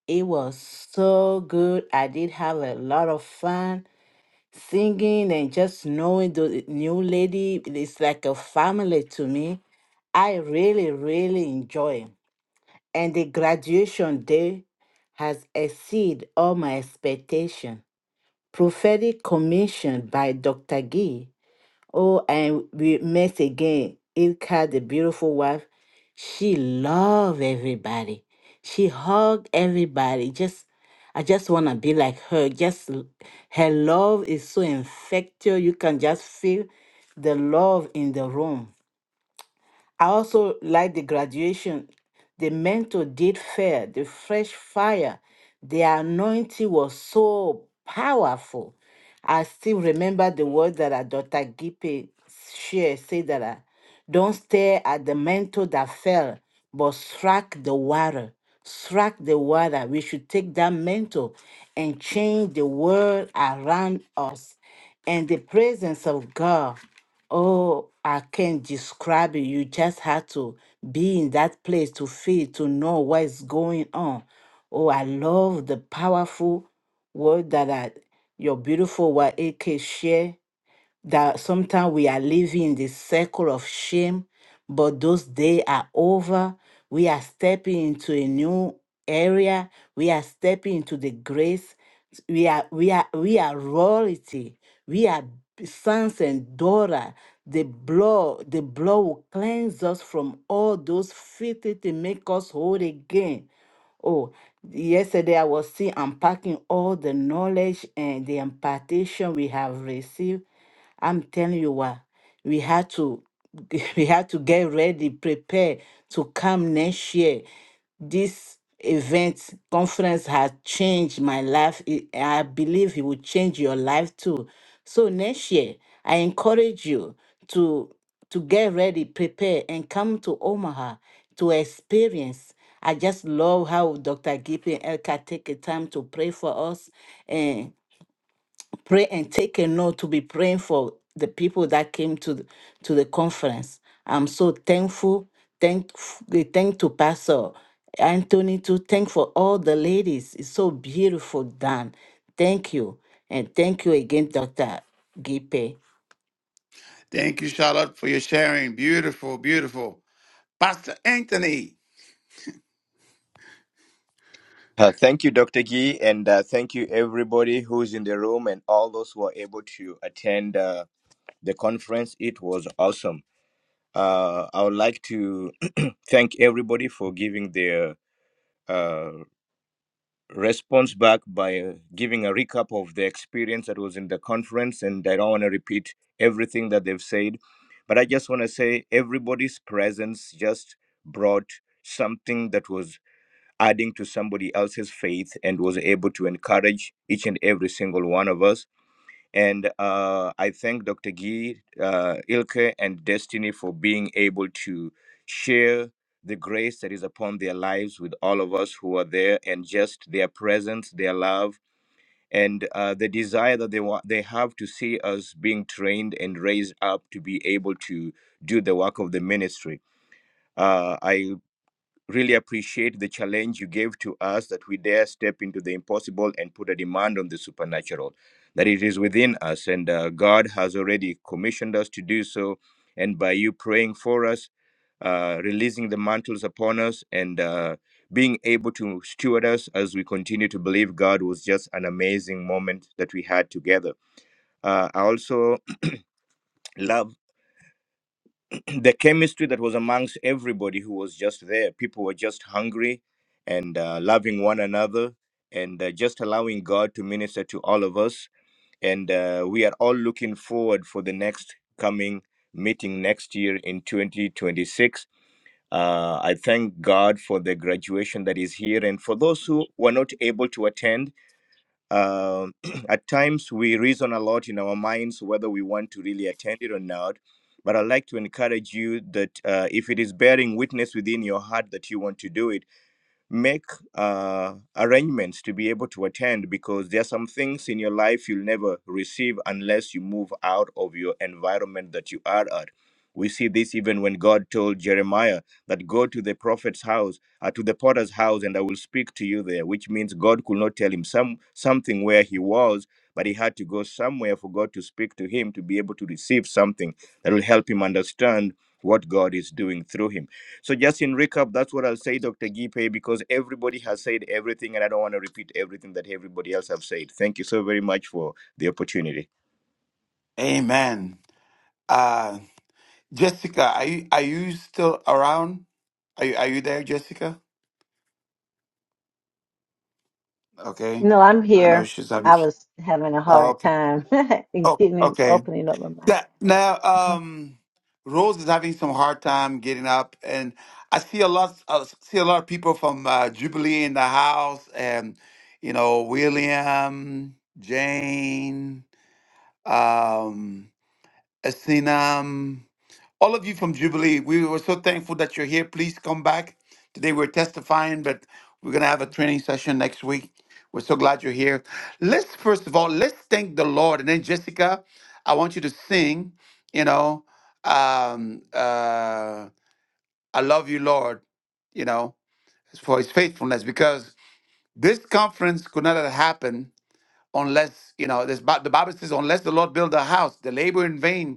it was so good. I did have a lot of fun singing and just knowing the new lady. It's like a family to me. I really, really enjoy. and the graduation day has exceeded all my expectation. Prophetic commission by Dr. Gee. Oh, and we met again. Ilka, the beautiful wife, she loved everybody. She hugged everybody. Just, I just want to be like her. Just l- her love is so infectious. You can just feel the love in the room. I also like the graduation. The mentor did fair, the fresh fire, the anointing was so powerful. I still remember the words that uh, Dr. Gippe shared, say that uh, don't stare at the mantle that fell, but strike the water. Strike the water. We should take that mantle and change the world around us and the presence of God. Oh, I can't describe it. You just have to be in that place to feel, to know what is going on. Oh, I love the powerful word that I, your beautiful wife AK share that sometimes we are living in the circle of shame, but those days are over. We are stepping into a new area. We are stepping into the grace. We are we are we are royalty. We are b- sons and daughters. The blood, the blood will cleanse us from all those filthy to make us whole again. Oh, yesterday I was still unpacking all the knowledge and the impartation we have received. I'm telling you what, we had to we had to get ready, prepare to come next year. This event conference has changed my life. It- I believe it will change your life too. So next year, I encourage you to to get ready, prepare, and come to Omaha to experience. I just love how Dr. Gippy Elka take the time to pray for us pray and take a note to be praying for the people that came to the, to the conference. I'm so thankful. Thank, thank to Pastor Anthony to thank for all the ladies. It's so beautiful done. Thank you. And thank you again, Dr. Gipe.
thank you, Charlotte, for your sharing. Beautiful, beautiful. Pastor Anthony,
Uh, thank you, Dr. Gee, and uh, thank you everybody who's in the room and all those who are able to attend uh, the conference. It was awesome. Uh, I would like to thank everybody for giving their uh, response back by uh, giving a recap of the experience that was in the conference. And I don't want to repeat everything that they've said, but I just want to say everybody's presence just brought something that was adding to somebody else's faith and was able to encourage each and every single one of us. And uh, I thank Dr. Gee, uh, Ilke, and Destiny for being able to share the grace that is upon their lives with all of us who are there and just their presence, their love, and uh, the desire that they want they have to see us being trained and raised up to be able to do the work of the ministry. Uh, I. Really appreciate the challenge you gave to us that we dare step into the impossible and put a demand on the supernatural, that it is within us. And uh, God has already commissioned us to do so. And by you praying for us, uh, releasing the mantles upon us, and uh, being able to steward us as we continue to believe God was just an amazing moment that we had together. Uh, I also love the chemistry that was amongst everybody who was just there. People were just hungry and uh, loving one another and uh, just allowing God to minister to all of us. And uh, we are all looking forward for the next coming meeting next year in 2026. Uh, I thank God for the graduation that is here. And for those who were not able to attend, um at times, we reason a lot in our minds whether we want to really attend it or not. But I'd like to encourage you that uh, if it is bearing witness within your heart that you want to do it, make uh, arrangements to be able to attend because there are some things in your life you'll never receive unless you move out of your environment that you are at. We see this even when God told Jeremiah that go to the prophet's house, uh, to the potter's house, and I will speak to you there, which means God could not tell him some something where he was, but he had to go somewhere for God to speak to him to be able to receive something that will help him understand what God is doing through him. So just in recap, that's what I'll say, Dr. Gipe, because everybody has said everything and I don't want to repeat everything that everybody else have said. Thank you so very much for the opportunity.
amen. Uh, Jessica, are you, are you still around? Are you, are you there, Jessica? Okay.
No, I'm
I know
here.
she's
I
having.
was having a
Oh,
hard
okay.
time in
Oh,
getting
okay.
opening up my mic.
That now,
Mhm.
um, Rose is having some hard time getting up, and I see a lot. I see a lot of people from uh, Jubilee in the house, and you know, William, Jane, um, Asinam all of you from Jubilee, we were so thankful that you're here. Please come back. Today we're testifying, but we're going to have a training session next week. We're so glad you're here. Let's first of all, let's thank the Lord. And then Jessica, I want you to sing, you know, um, uh, I love you, Lord, you know, for his faithfulness, because this conference could not have happened unless, you know, this, Bi- the Bible says, unless the Lord build a house, the labor in vain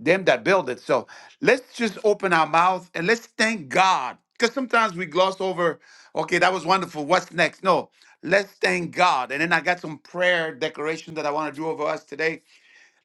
them that build it. So let's just open our mouth and let's thank God. Because sometimes we gloss over, okay, that was wonderful. What's next? No, let's thank God. And then I got some prayer declaration that I want to do over us today.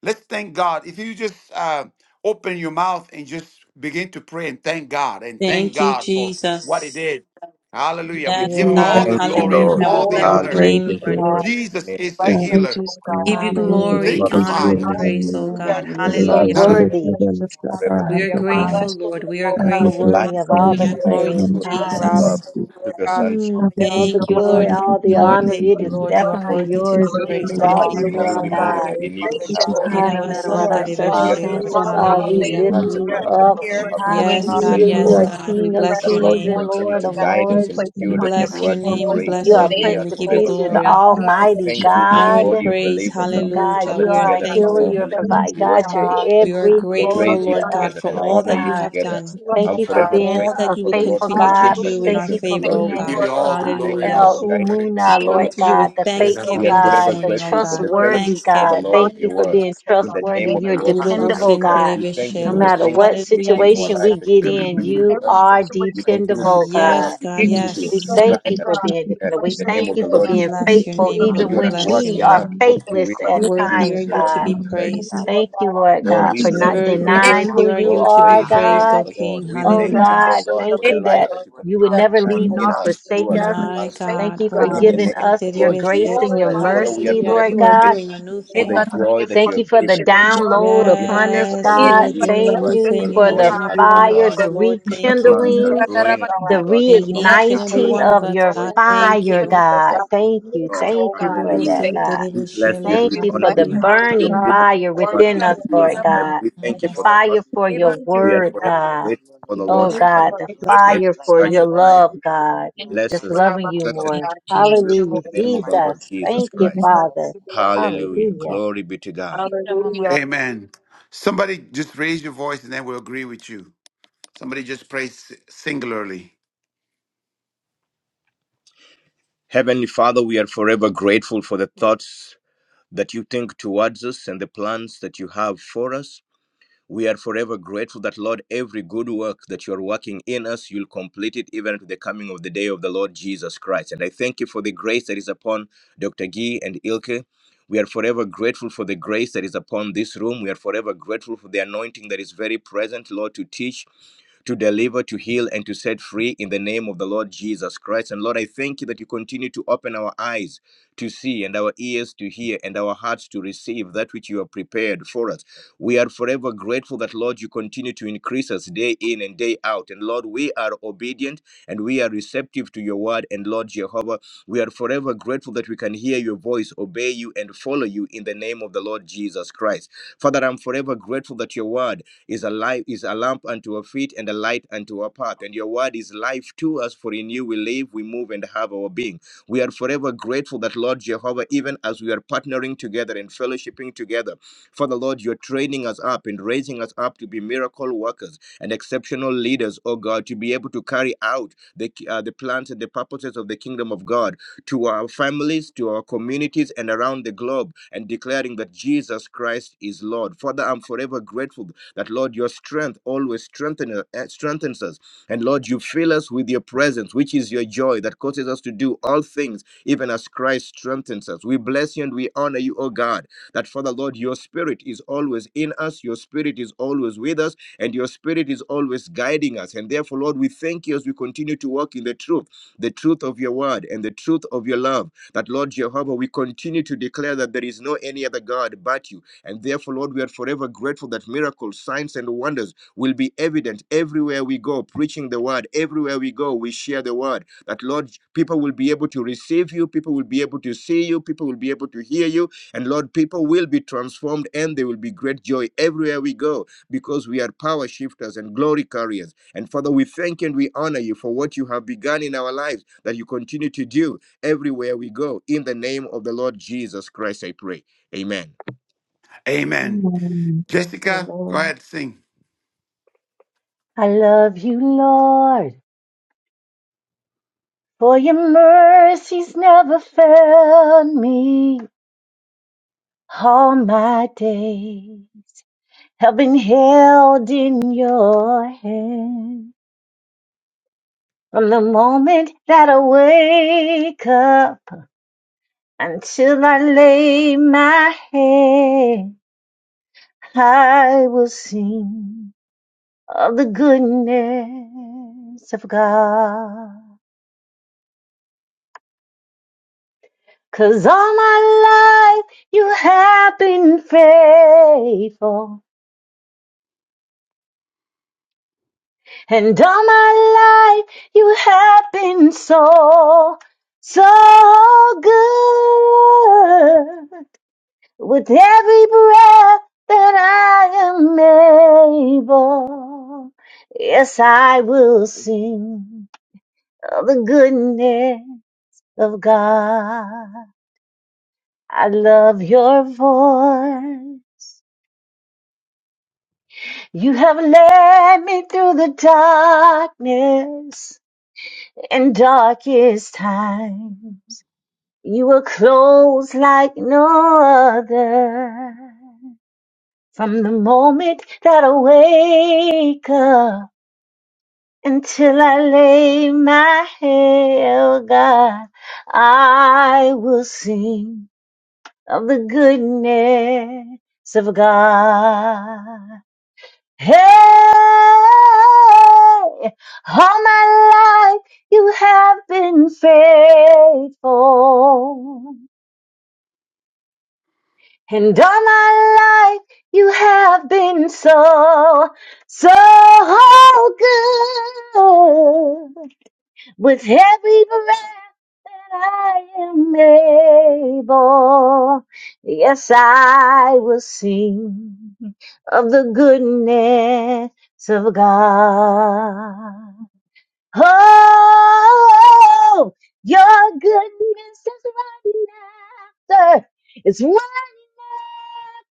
Let's thank God. If you just uh, open your mouth and just begin to pray and thank God and thank
Thank you,
God for what He
Jesus.
did. Hallelujah. We
Yes,
give Him
We
God.
all
Yes,
the
thank
Thank you,
thank
glory
you
and
you,
Lord.
Hallelujah. We
all
for
bless
the
the
Father.
your
honor.
Hallelujah.
praise
name,
and
Lord.
glory.
Praise the
Jesus
name of
is the
God,
Jesus.
we
healer.
just thank
Give you
you, Lord, that
Hallelujah,
you
glory,
are
Thank you,
Father,
here
we
Jesus.
honor,
thank
and
Father.
you
praise,
today.
oh
and we honor
God.
you
Mm, you're
for
And
your
we
so
love
Hallelujah.
thank
and
you that
Hallelujah.
kindness
worthy.
you will lift up
forever,
our
We
eyes,
are
oh God.
grateful, Lord. We are
God,
You're
we
for
grateful.
your
thank
life
worthy
you
of
for your
all
you have
the
Hallelujah.
loving
given
Glory
praise,
to
to
kindness
us,
and
God.
your love,
covering
Jesus.
us. free.
to your Son. Jesus.
Mm,
God, we
all
thank
the
you
Thank you,
that
Magnificent
you
glory,
Lord.
you
Thank
are,
all
represent
you,
the
me
Lord.
the
honor.
Thank
It
you,
is
supreme
everything.
Lord.
one.
You are
definitely
We
worthy to
thank
be
yours.
you for
We
In
We
you
praised,
we
love you
having
live,
exalt
okay?
you,
this
us,
in you
morning.
Lord
we
God.
move,
God.
and in
We
you we
bless
We
you
have
just
for
our
thank
being.
High,
life.
you
no
We
matter what
bless you
our
for
Father, we are
strength. We
Lord.
forever
bless
circumstances
you for
are,
for
we
health,
this
Hallelujah.
God.
lift
thing.
thankful and
you
the
We
purpose
Thank
up.
you
bless you
have
for
set into
Yes,
purpose,
you,
God.
Hallelujah.
place
You
Yes,
miracles,
for
are
us.
Lord, for
God.
signs,
We
King
and
your
of
bless
that
your
wonders
Lord,
kings
name.
you
blessing.
and
that come
continue
Lord
to
of
forth
guide
from
Thank
us
this
and
lords.
you,
place.
We
steward
Lord,
Thank
us
you,
thank
bless your
God.
you,
towards your
Lord,
name.
for
We
your
grace.
We
You
bless
thank
your
are
Lord,
you,
kindness.
we
name.
Prince
God,
are
We
of
for
give you
giving
forever
Peace. You're
us
Thank
thank-
the
you,
glory,
Lord,
insight
for your
and
Almighty
forgiveness. Thank you
thankful
wisdom,
for your
for the
honor,
Lord
and
God.
body
forgiveness.
God.
of
Thank
praise.
believers
you, Lord.
that we
You
can
God,
Hallelujah.
are
gather
you
We
the
are
are a
together
mighty
as
healer.
God.
fellow
You're
thankful.
a
We
I'm
believers
provider.
thank
and
you
God,
for
worship
every
you're
you together,
We
mantle,
are
God.
everything
grateful,
praise you
to
Lord
us,
God,
I'm
together,
for
and
Lord
all
blessed,
honor
that
God.
you
you
God.
We
have
thank you
together.
for
done,
the
Thank
I'm
you for
love
forever
that
being
comes
all
grateful
out
that
a
of
you
us,
for
will
the Lord
faithful
for
continue
the
to
brothers
God.
and
do
sisters.
in
Thank
our
you
impartation that
for
favor,
Lord
today,
O
We
is
God.
being
give
in
God.
you
us.
all the
We
We
thank
uh,
glory
you
and
for
Hallelujah.
the
El
all
bless you
the
and
guidance of
We
praise.
Umuna,
the
magnify you.
come
Holy
Lord
We
to
are
you
Spirit.
God,
with
the
grateful
faithful
We are
for
thanksgiving
what
this
God,
forever
you've
the
morning,
done.
O
grateful
And We
for
God.
the
thank you for
trustworthy
fellowship for
putting
the
God.
Thanksgiving.
Lord
Thank
of
you
your
for
word.
being
In the
um,
name
trustworthy.
love
of
in
the
You're
our
Lord
hearts, God.
Jesus
dependable,
You are
Christ,
love
God.
in
we
our
thank you
hearts
Urobosenterebeshe,
No
for
for
the
Lord.
one
matter
things
another.
that
what
you
Lord.
Hallelujah,
begin in our
situation
So
Jesus.
lives
we
we
that
get
you
thank
in,
continue
you and
you
to
bless you,
are
God. We
you
pray,
continue
God,
to
dependable,
pull up.
God.
Yes,
You
blessings
God,
over
continue
each and
to
We
every
yes.
thank
guide
you
person,
us
for
God.
being
and
dependable. We
in
Your
the
thank
name of
you
the
angels
for
We
Lord
will
being
Jesus.
bless your
encamp
faithful,
name,
about
For
Lord.
even
you
them
We
and
are at
when
bless
work
protect
your
we
them,
in
are
us,
name.
God
both to will
faithless
for
and
all
at
the things
to do
that
Worthy
for
times,
are
you
your
you
have
own
to
for
God.
be
good
them to do,
pleasure.
praised.
God, that
Thank
they would
you,
walk
Lord
in
Oh,
God,
we
for
purpose
not
bless you,
and
Worthy,
they
Lord.
would
denying
walk
worthy
who
are
in
you
you
Oh,
to
wisdom,
be
are,
praise
God,
the
and
name
praised,
God
of
O
the
everything that
Lord.
King.
they're
We
Oh
thank you,
impregnated
Hallelujah.
oh
God,
with,
God,
God,
thank
for the
you
light
that
that
that
they
you
would
you
continue
would
um,
never
to shine
leave
birth
in
nor
out
us,
to
through
forsake
us, and
us.
full
My
amongst us.
term,
Thank
God.
you
God,
for
In the
giving
and that
name
us
of
they would
the
your
not
Lord
grace
Horobosentebeshe,
Jesus
and
lose
Lord,
your
their
Christ. Father,
baby,
we are
God,
mercy,
they
hallelujah.
forever
Lord
wouldn't
You
grateful
are
God.
lose
doing a
their
new
vision
for
that
the
thing.
you put
joy that you
Thank you
inside.
have
for the
given to us.
We
download
In
thank you
the
upon
for
name
us,
of the
Yes,
Lord
you
manifested
God.
are
vision.
doing
Jesus
a
Thank
new
Christ,
you
We
you
thing
are
thank
in
for
you for
the
each
growing
and
us,
every
oh
all
one of
fire,
of
God,
the
us,
the
Lord.
in your
um,
Thank you.
plans. You are
rekindling,
growing us,
insights that
oh
you've
the
God,
given
in
In
your
us. We
covenant,
spend
in
each and
your
time in
every
reigniting
one
fellowship.
of
of
prayer.
us,
You are
your
growing
God,
us,
As we
oh
spend
God.
thank
fire,
time in
you.
your
God.
Thank
presence
Thank
you,
you.
together.
Lord.
Thank you for that,
Thank
Hallelujah.
you
God.
in
We bless
Horobosentebeshe,
you
Lord,
and
Thank
we
Jesus'
you
honor
name.
for the
you, God.
hallelujah.
You're
burning
Hallelujah.
good. and
fire
Your
within
mercies
us,
Hallelujah.
endure
Lord
God,
forever.
yes,
God.
We
God,
Hallelujah.
thank
The
you for
yes,
the
Glory
God.
fire
to
for
your
God.
name.
your
We are
word,
forever
Glory
God
to
grateful
your
for
We
name.
the
Oh
Lord
Oh
bless
for
God.
having
you.
God, the
We bless
been
Bless
you.
able
you.
fire
to
for
Bless you.
Hallelujah.
touch
your
your
Bless
life.
love, God.
you. None
Bless
Just
like
us and
you.
loving you
strengthen us.
Thank
more.
you,
with your
Jesus.
spirit
Hallelujah.
In the name
Jesus'
of the
mighty
Lord
Jesus.
name.
Jesus
Thank you,
Christ.
Father.
Jesus' name.
Hallelujah.
Hallelujah.
Glory be to God.
Amen. Somebody just raise your voice and then we'll agree with you. Somebody just pray s- singularly.
Heavenly Father, we are forever grateful for the thoughts that you think towards us and the plans that you have for us. We are forever grateful that, Lord, every good work that you are working in us, you'll complete it even to the coming of the day of the Lord Jesus Christ. And I thank you for the grace that is upon Dr. Gee and Ilke. We are forever grateful for the grace that is upon this room. We are forever grateful for the anointing that is very present, Lord, to teach to deliver, to heal, and to set free in the name of the Lord Jesus Christ. And Lord, I thank you that you continue to open our eyes to see and our ears to hear and our hearts to receive that which you have prepared for us. We are forever grateful that, Lord, you continue to increase us day in and day out. And Lord, we are obedient and we are receptive to your word. And Lord Jehovah, we are forever grateful that we can hear your voice, obey you, and follow you in the name of the Lord Jesus Christ. Father, I'm forever grateful that your word is a life is a lamp unto our feet and a light unto our path and your word is life to us for in you we live we move and have our being we are forever grateful that lord jehovah even as we are partnering together and fellowshipping together father lord you're training us up and raising us up to be miracle workers and exceptional leaders oh god to be able to carry out the uh, the plans and the purposes of the kingdom of god to our families, to our communities, and around the globe, and declaring that Jesus Christ is Lord. Father, I'm forever grateful that Lord, your strength always strengthen, uh, strengthens us. And Lord, you fill us with your presence, which is your joy that causes us to do all things, even as Christ strengthens us. We bless you and we honor you, O God, that Father, Lord, your spirit is always in us, your spirit is always with us, and your spirit is always guiding us. And therefore, Lord, we thank you as we continue to walk in the truth, the truth of your word and the truth of your love. That, Lord Jehovah, we continue to declare that there is no any other God but you. And therefore, Lord, we are forever grateful that miracles, signs, and wonders will be evident everywhere we go, preaching the word. Everywhere we go, we share the word. That, Lord, people will be able to receive you, people will be able to see you, people will be able to hear you. And, Lord, people will be transformed and there will be great joy everywhere we go because we are power shifters and glory carriers. And, Father, we thank and we honor you for what you have begun in our lives that you continue to do everywhere we go. In the name of the Lord Jesus Christ, I pray. Amen.
Amen.
Amen.
Jessica, go
Amen.
ahead sing.
I love you, Lord, for your mercies never failed me all my days. Have been held in your hand from the moment that I wake up until I lay my head. I will sing of the goodness of God, 'cause all my life you have been faithful. And all my life you have been so, so good. With every breath that I am able, yes, I will sing of the goodness. of God. I love your voice. You have led me through the darkness and darkest time. You were close like no other. From the moment that I wake up until I lay my head, oh God, I will sing of the goodness of God. Hey, all my life you have been faithful. And all my life you have been so, so good. With every breath that I am able, yes, I will sing of the goodness of God. Oh, your goodness is running after, it's running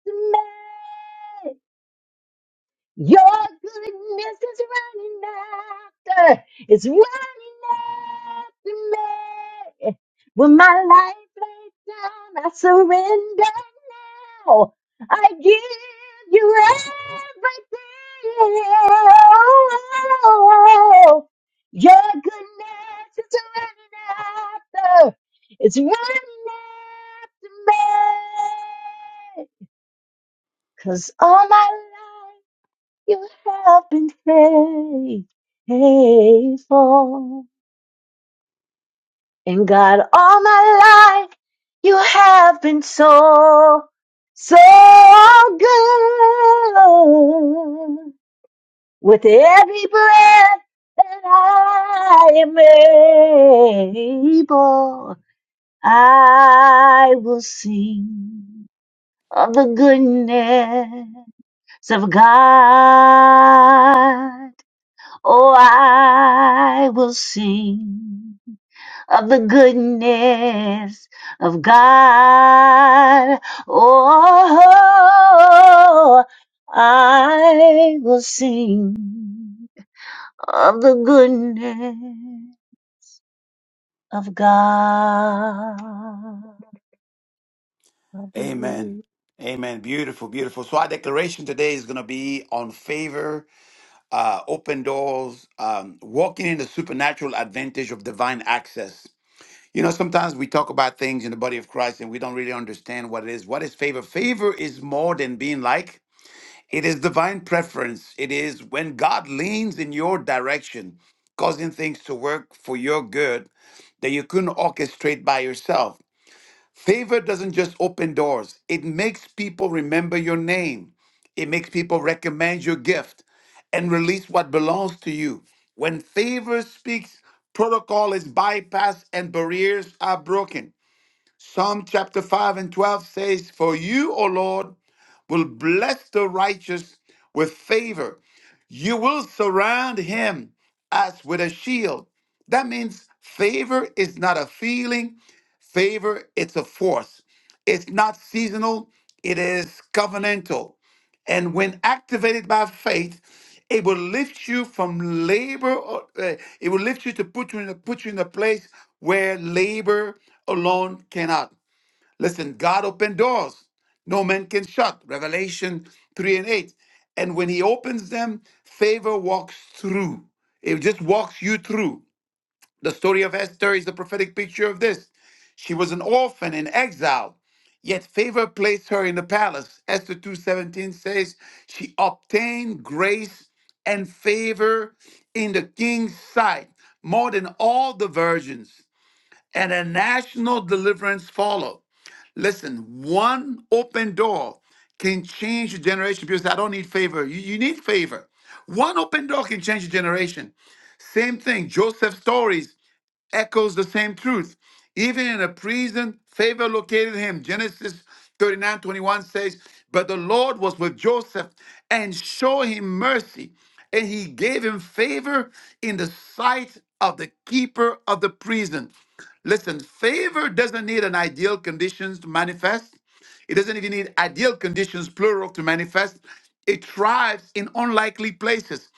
after me. Your goodness is running after, it's running after me. When my life lays down, I surrender now. I give you everything. Your goodness is running after, it's running after me. Cause all my life. You have been faith- faithful. And God, all my life, you have been so, so good. With every breath that I am able, I will sing of the goodness of God. Oh, I will sing of the goodness of God. Oh, I will sing of the goodness of God. Hallelujah.
Amen. Amen. Beautiful, beautiful. So our declaration today is going to be on favor, uh, open doors, um, walking in the supernatural advantage of divine access. You know, sometimes we talk about things in the body of Christ and we don't really understand what it is. What is favor? Favor is more than being like, it is divine preference. It is when God leans in your direction, causing things to work for your good that you couldn't orchestrate by yourself. Favor doesn't just open doors, it makes people remember your name. It makes people recommend your gift and release what belongs to you. When favor speaks, protocol is bypassed and barriers are broken. Psalm chapter 5 and 12 says, For you, O Lord, will bless the righteous with favor. You will surround him as with a shield. That means favor is not a feeling, favor it's a force. It's not seasonal, it is covenantal. And when activated by faith, it will lift you from labor. or, uh, it will lift you to put you in a, put you in a place where labor alone cannot. Listen, God opened doors no man can shut. Revelation 3 and 8. And when he opens them, favor walks through. It just walks you through. The story of Esther is the prophetic picture of this. She was an orphan in exile, yet favor placed her in the palace. Esther 2:17 says she obtained grace and favor in the king's sight more than all the virgins, and a national deliverance followed. Listen, one open door can change your generation. People say, I don't need favor. You, you need favor. One open door can change your generation. Same thing, Joseph's stories echoes the same truth. Even in a prison, favor located him. Genesis 39 21 says, But the Lord was with Joseph and showed him mercy, and he gave him favor in the sight of the keeper of the prison. Listen, favor doesn't need an ideal conditions to manifest. It doesn't even need ideal conditions, plural, to manifest. It thrives in unlikely places.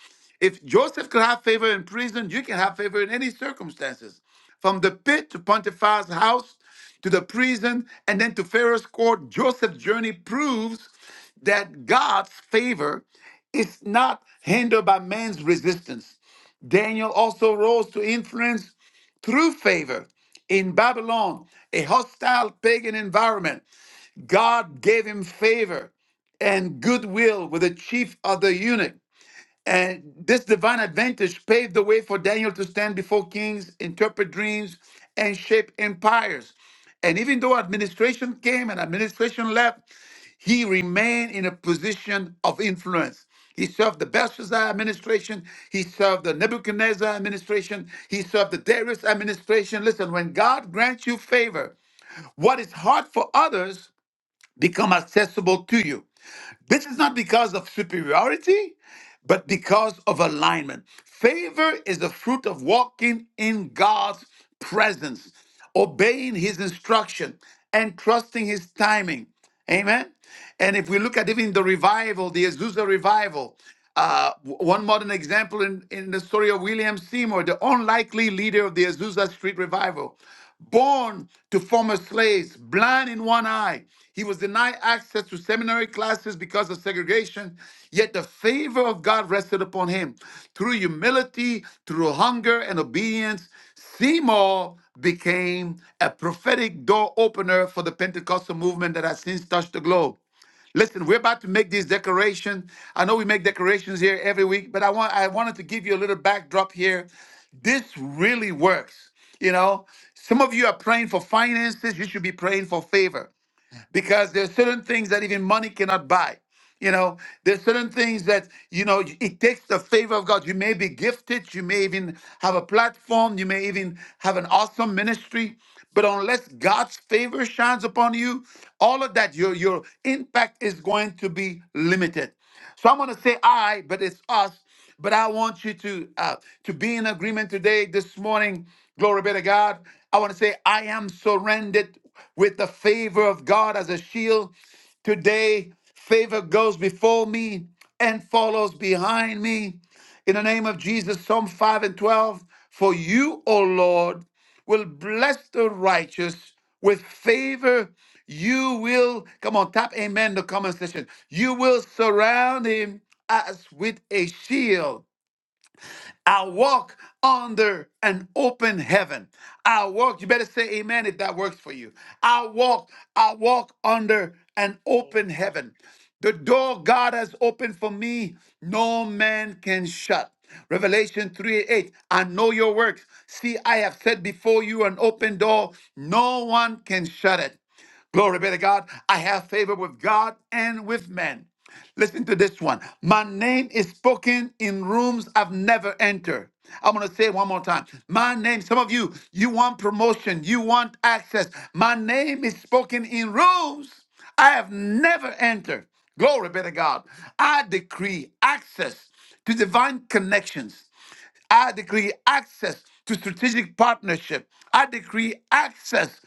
If Joseph could have favor in prison, you can have favor in any circumstances. From the pit to Pontifex house to the prison and then to Pharaoh's court, Joseph's journey proves that God's favor is not hindered by man's resistance. Daniel also rose to influence through favor in Babylon, a hostile pagan environment. God gave him favor and goodwill with the chief of the eunuch. And this divine advantage paved the way for Daniel to stand before kings, interpret dreams, and shape empires. And even though administration came and administration left, he remained in a position of influence. He served the Belshazzar administration. He served the Nebuchadnezzar administration. He served the Darius administration. Listen, when God grants you favor, what is hard for others become accessible to you. This is not because of superiority, but because of alignment. Favor is the fruit of walking in God's presence, obeying his instruction, and trusting his timing. Amen. And if we look at even the revival, the Azusa revival, uh, w- one modern example in, in the story of William Seymour, the unlikely leader of the Azusa Street revival, born to former slaves, blind in one eye. He was denied access to seminary classes because of segregation, yet the favor of God rested upon him. Through humility, through hunger and obedience, Seymour became a prophetic door opener for the Pentecostal movement that has since touched the globe. Listen, we're about to make this declaration. I know we make declarations here every week, but I want I wanted to give you a little backdrop here. This really works. You know, some of you are praying for finances, you should be praying for favor because there's certain things that even money cannot buy. You know, there's certain things that, you know, it takes the favor of God. You may be gifted, you may even have a platform, you may even have an awesome ministry, but unless God's favor shines upon you, all of that, your your impact is going to be limited. So I'm gonna say I, but it's us but I want you to uh, to be in agreement today, this morning. Glory be to God. I want to say, I am surrendered with the favor of God as a shield. Today, favor goes before me and follows behind me. In the name of Jesus, Psalm 5 and 12. For you, O Lord, will bless the righteous with favor. You will, come on, tap amen in the comment section. You will surround him as with a shield. I walk under an open heaven. I walk, you better say amen if that works for you. I walk, I walk under an open
Amen.
heaven. The door God has opened for me, no man can shut. Revelation 3 8, I know your works. See, I have set before you an open door, no one can shut it. Glory be to God. I have favor with God and with men. Listen to this one. My name is spoken in rooms I've never entered. I'm going to say it one more time. My name, some of you, you want promotion, you want access. My name is spoken in rooms I have never entered. Glory be to God. I decree access to divine connections I decree access to strategic partnership. I decree access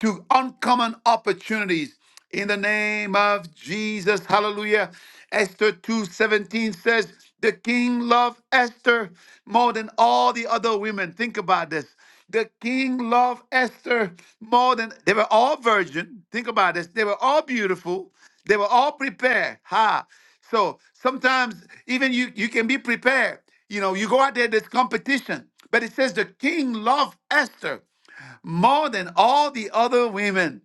to uncommon opportunities in the name of Jesus. Hallelujah. Esther 2:17 says, "The king loved Esther more than all the other women." Think about this. The king loved Esther more than they were all virgin. Think about this. They were all beautiful. They were all prepared. Ha. So sometimes even you you can be prepared. You know, you go out there, there's competition. But it says the king loved Esther more than all the other women.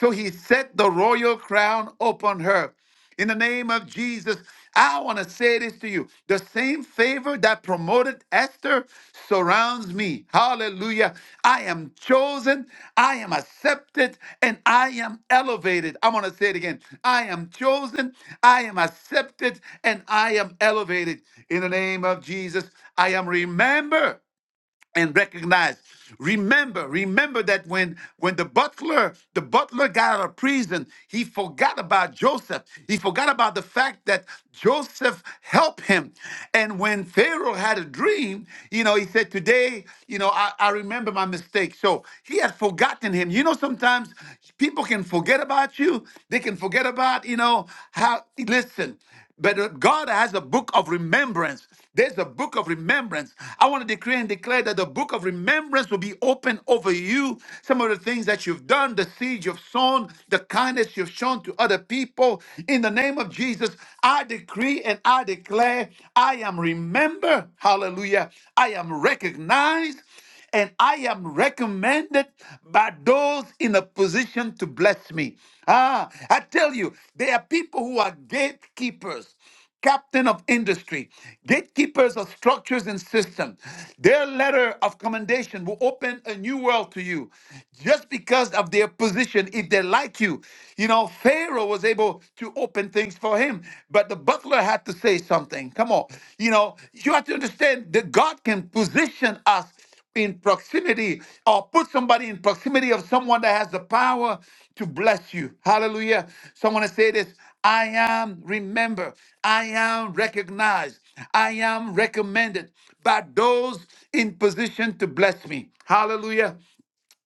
So he set the royal crown upon her. In the name of Jesus, I want to say this to you. The same favor that promoted Esther surrounds me. Hallelujah. I am chosen, I am accepted, and I am elevated. I'm going to say it again. I am chosen, I am accepted, and I am elevated. In the name of Jesus, I am remembered and recognize. Remember, remember that when when the butler the butler got out of prison, he forgot about Joseph. He forgot about the fact that Joseph helped him. And when Pharaoh had a dream, you know, he said, "Today, you know, I, I remember my mistake." So he had forgotten him. You know, sometimes people can forget about you. They can forget about you know how. Listen, but uh, God has a book of remembrance. There's a book of remembrance. I want to decree and declare that the book of remembrance will be open over you. Some of the things that you've done, the seed you've sown, the kindness you've shown to other people. In the name of Jesus, I decree and I declare I am remembered. Hallelujah. I am recognized and I am recommended by those in a position to bless me. Ah, I tell you, there are people who are gatekeepers captain of industry, gatekeepers of structures and systems. Their letter of commendation will open a new world to you just because of their position. If they like you, you know, Pharaoh was able to open things for him, but the butler had to say something. Come on. You know, you have to understand that God can position us in proximity or put somebody in proximity of someone that has the power to bless you. Hallelujah. Someone to say this I am remembered, I am recognized, I am recommended by those in position to bless me. Hallelujah.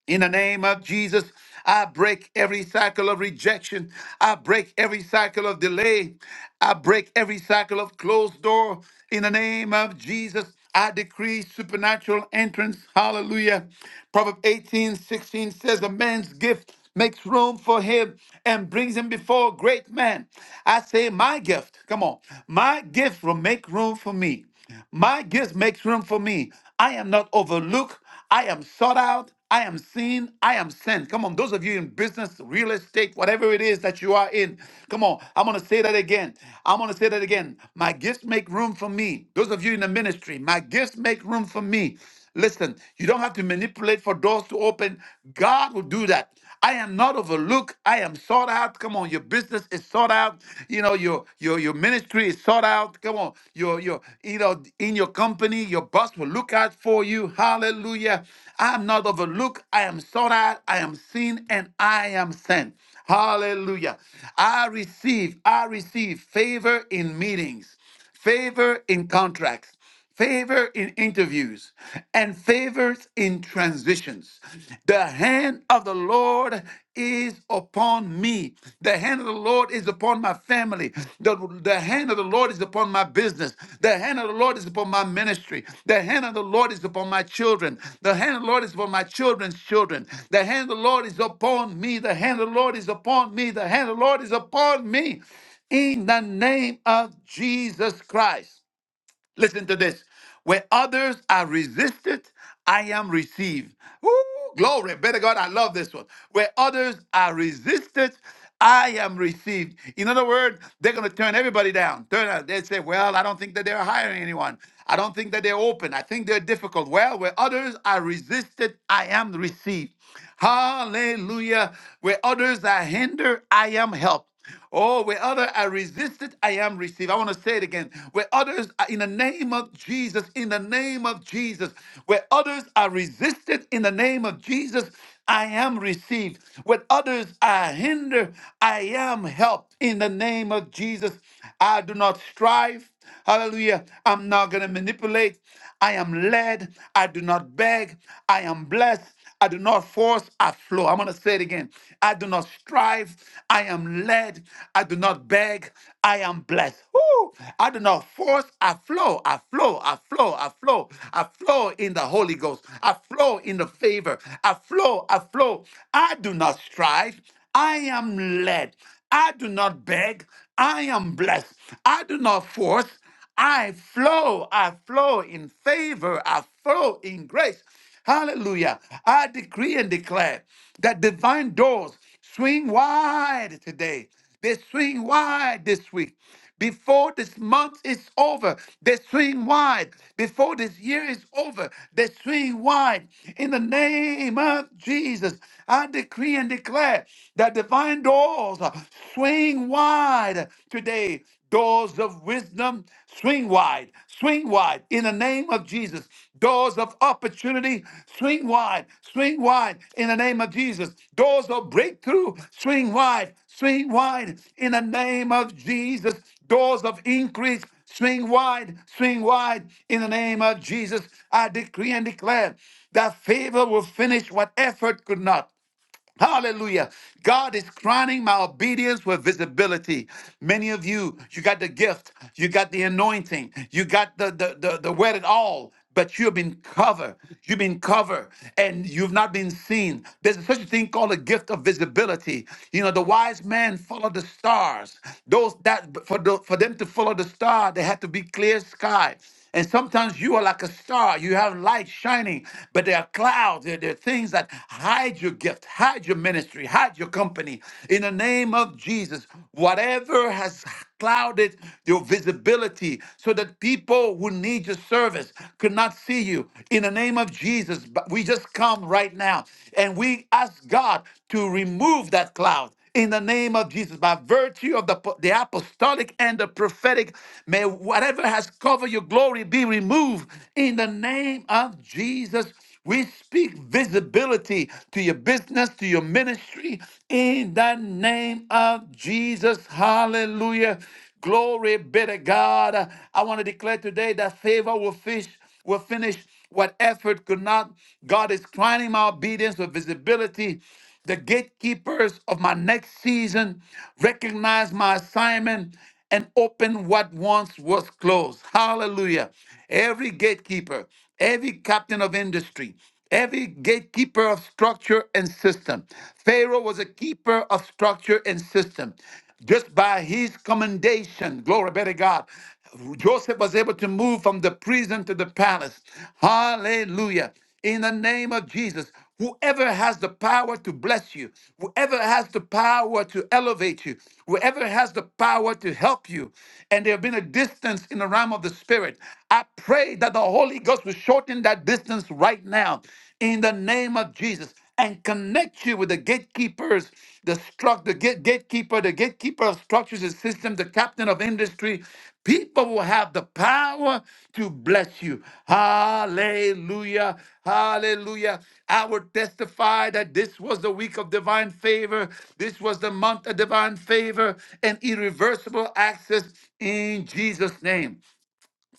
In the name of Jesus, I break every cycle of rejection. I break every cycle of delay. I break every cycle of closed door. In the name of Jesus, I decree supernatural entrance. Hallelujah. Proverbs 18 16 says, A man's gift makes room for him and brings him before a great man. I say, My gift, come on, my gift will make room for me. My gift makes room for me. I am not overlooked. I am sought out. I am seen. I am sent. Come on, those of you in business, real estate, whatever it is that you are in, come on. I'm going to say that again. I'm going to say that again. My gifts make room for me. Those of you in the ministry, my gifts make room for me. Listen, you don't have to manipulate for doors to open. God will do that. I am not overlooked. I am sought out. Come on, your business is sought out. You know, your your your ministry is sought out. Come on, your your you know in your company, your boss will look out for you. Hallelujah. I am not overlooked. I am sought out. I am seen, and I am sent. Hallelujah. I receive. I receive favor in meetings, favor in contracts favor in interviews, and favors in transitions. The hand of the Lord is upon me. The hand of the Lord is upon my family. The, the hand of the Lord is upon my business. The hand of the Lord is upon my ministry. The hand of the Lord is upon my children. The hand of the Lord is upon my children's children. The hand of the Lord is upon me. The hand of the Lord is upon me. The hand of the Lord is upon me. In the name of Jesus Christ. Listen to this. Where others are resisted, I am received. Woo, glory. Better God, I love this one. Where others are resisted, I am received. In other words, they're going to turn everybody down. Turn out. They say, well, I don't think that they're hiring anyone. I don't think that they're open. I think they're difficult. Well, where others are resisted, I am received. Hallelujah. Where others are hindered, I am helped. Oh, where others are resisted, I am received. I want to say it again. Where others are in the name of Jesus, in the name of Jesus, where others are resisted, in the name of Jesus, I am received. Where others are hindered, I am helped. In the name of Jesus, I do not strive. Hallelujah. I'm not going to manipulate. I am led. I do not beg. I am blessed. I do not force. I flow. I'm going to say it again. I do not strive. I am led. I do not beg. I am blessed. Woo! I do not force. I flow. I flow. I flow. I flow. I flow in the Holy Ghost. I flow in the favor. I flow. I flow. I do not strive. I am led. I do not beg. I am blessed. I do not force. I flow. I flow in favor. I flow in grace. Hallelujah. I decree and declare that divine doors swing wide today. They swing wide this week. Before this month is over, they swing wide. Before this year is over, they swing wide. In the name of Jesus, I decree and declare that divine doors swing wide today. Doors of wisdom, swing wide, swing wide in the name of Jesus. Doors of opportunity, swing wide, swing wide in the name of Jesus. Doors of breakthrough, swing wide, swing wide in the name of Jesus. Doors of increase, swing wide, swing wide in the name of Jesus. I decree and declare that favor will finish what effort could not. Hallelujah. God is crowning my obedience with visibility. Many of you, you got the gift, you got the anointing, you got the the the, the word at all. But you've been covered. You've been covered and you've not been seen. There's such a thing called a gift of visibility. You know, the wise man followed the stars. Those that for, the, for them to follow the star, they had to be clear sky. And sometimes you are like a star. You have light shining, but there are clouds. There, there are things that hide your gift, hide your ministry, hide your company. In the name of Jesus, whatever has clouded your visibility so that people who need your service could not see you, in the name of Jesus, but we just come right now and we ask God to remove that cloud in the name of Jesus, by virtue of the, the apostolic and the prophetic, may whatever has covered your glory be removed in the name of Jesus. We speak visibility to your business, to your ministry, in the name of Jesus. Hallelujah. Glory be to God. I want to declare today that favor will fish will finish what effort could not. God is crowning my obedience with visibility. The gatekeepers of my next season recognize my assignment and open what once was closed. Hallelujah. Every gatekeeper, every captain of industry, every gatekeeper of structure and system. Pharaoh was a keeper of structure and system. Just by his commendation, glory be to God, Joseph was able to move from the prison to the palace. Hallelujah. In the name of Jesus, whoever has the power to bless you, whoever has the power to elevate you, whoever has the power to help you, and there have been a distance in the realm of the Spirit, I pray that the Holy Ghost will shorten that distance right now in the name of Jesus and connect you with the gatekeepers the struct, the gate, gatekeeper, the gatekeeper of structures and systems, the captain of industry. People will have the power to bless you. Hallelujah. Hallelujah. I would testify that this was the week of divine favor. This was the month of divine favor and irreversible access in Jesus' name.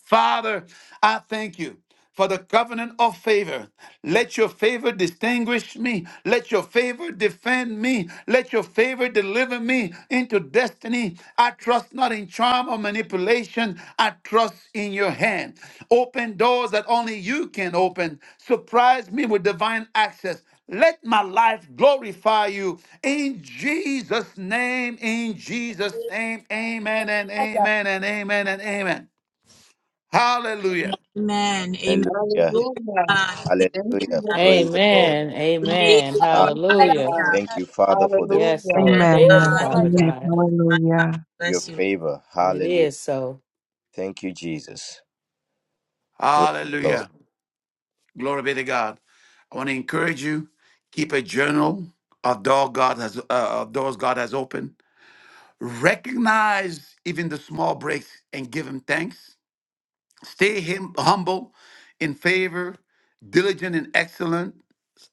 Father, I thank you for the covenant of favor. Let your favor distinguish me. Let your favor defend me. Let your favor deliver me into destiny. I trust not in charm or manipulation. I trust in your hand. Open doors that only you can open. Surprise me with divine access. Let my life glorify you in Jesus' name, in Jesus' name, amen and amen and amen and amen. Hallelujah.
Amen. Amen.
Hallelujah.
Glory to God. Thank you.
Hallelujah.
Amen. That was
Praise
so
the Lord.
Amen.
good.
Thank
Amen.
you,
Ah,
Lord.
Hallelujah.
Hallelujah.
Thank you, Father, for the favor,
Yes, Lord.
Yes,
Amen.
Thank you,
God.
Father
Amen.
God.
My God.
Hallelujah.
your
Bless you.
favor.
And it
Hallelujah.
is so.
Thank you, Jesus. Praise the Lord.
Hallelujah. Glory be to God. I want to encourage you, keep a journal of door God has uh, of doors God has opened. Recognize even the small breaks and give him thanks. Stay him humble in favor, diligent in excellence,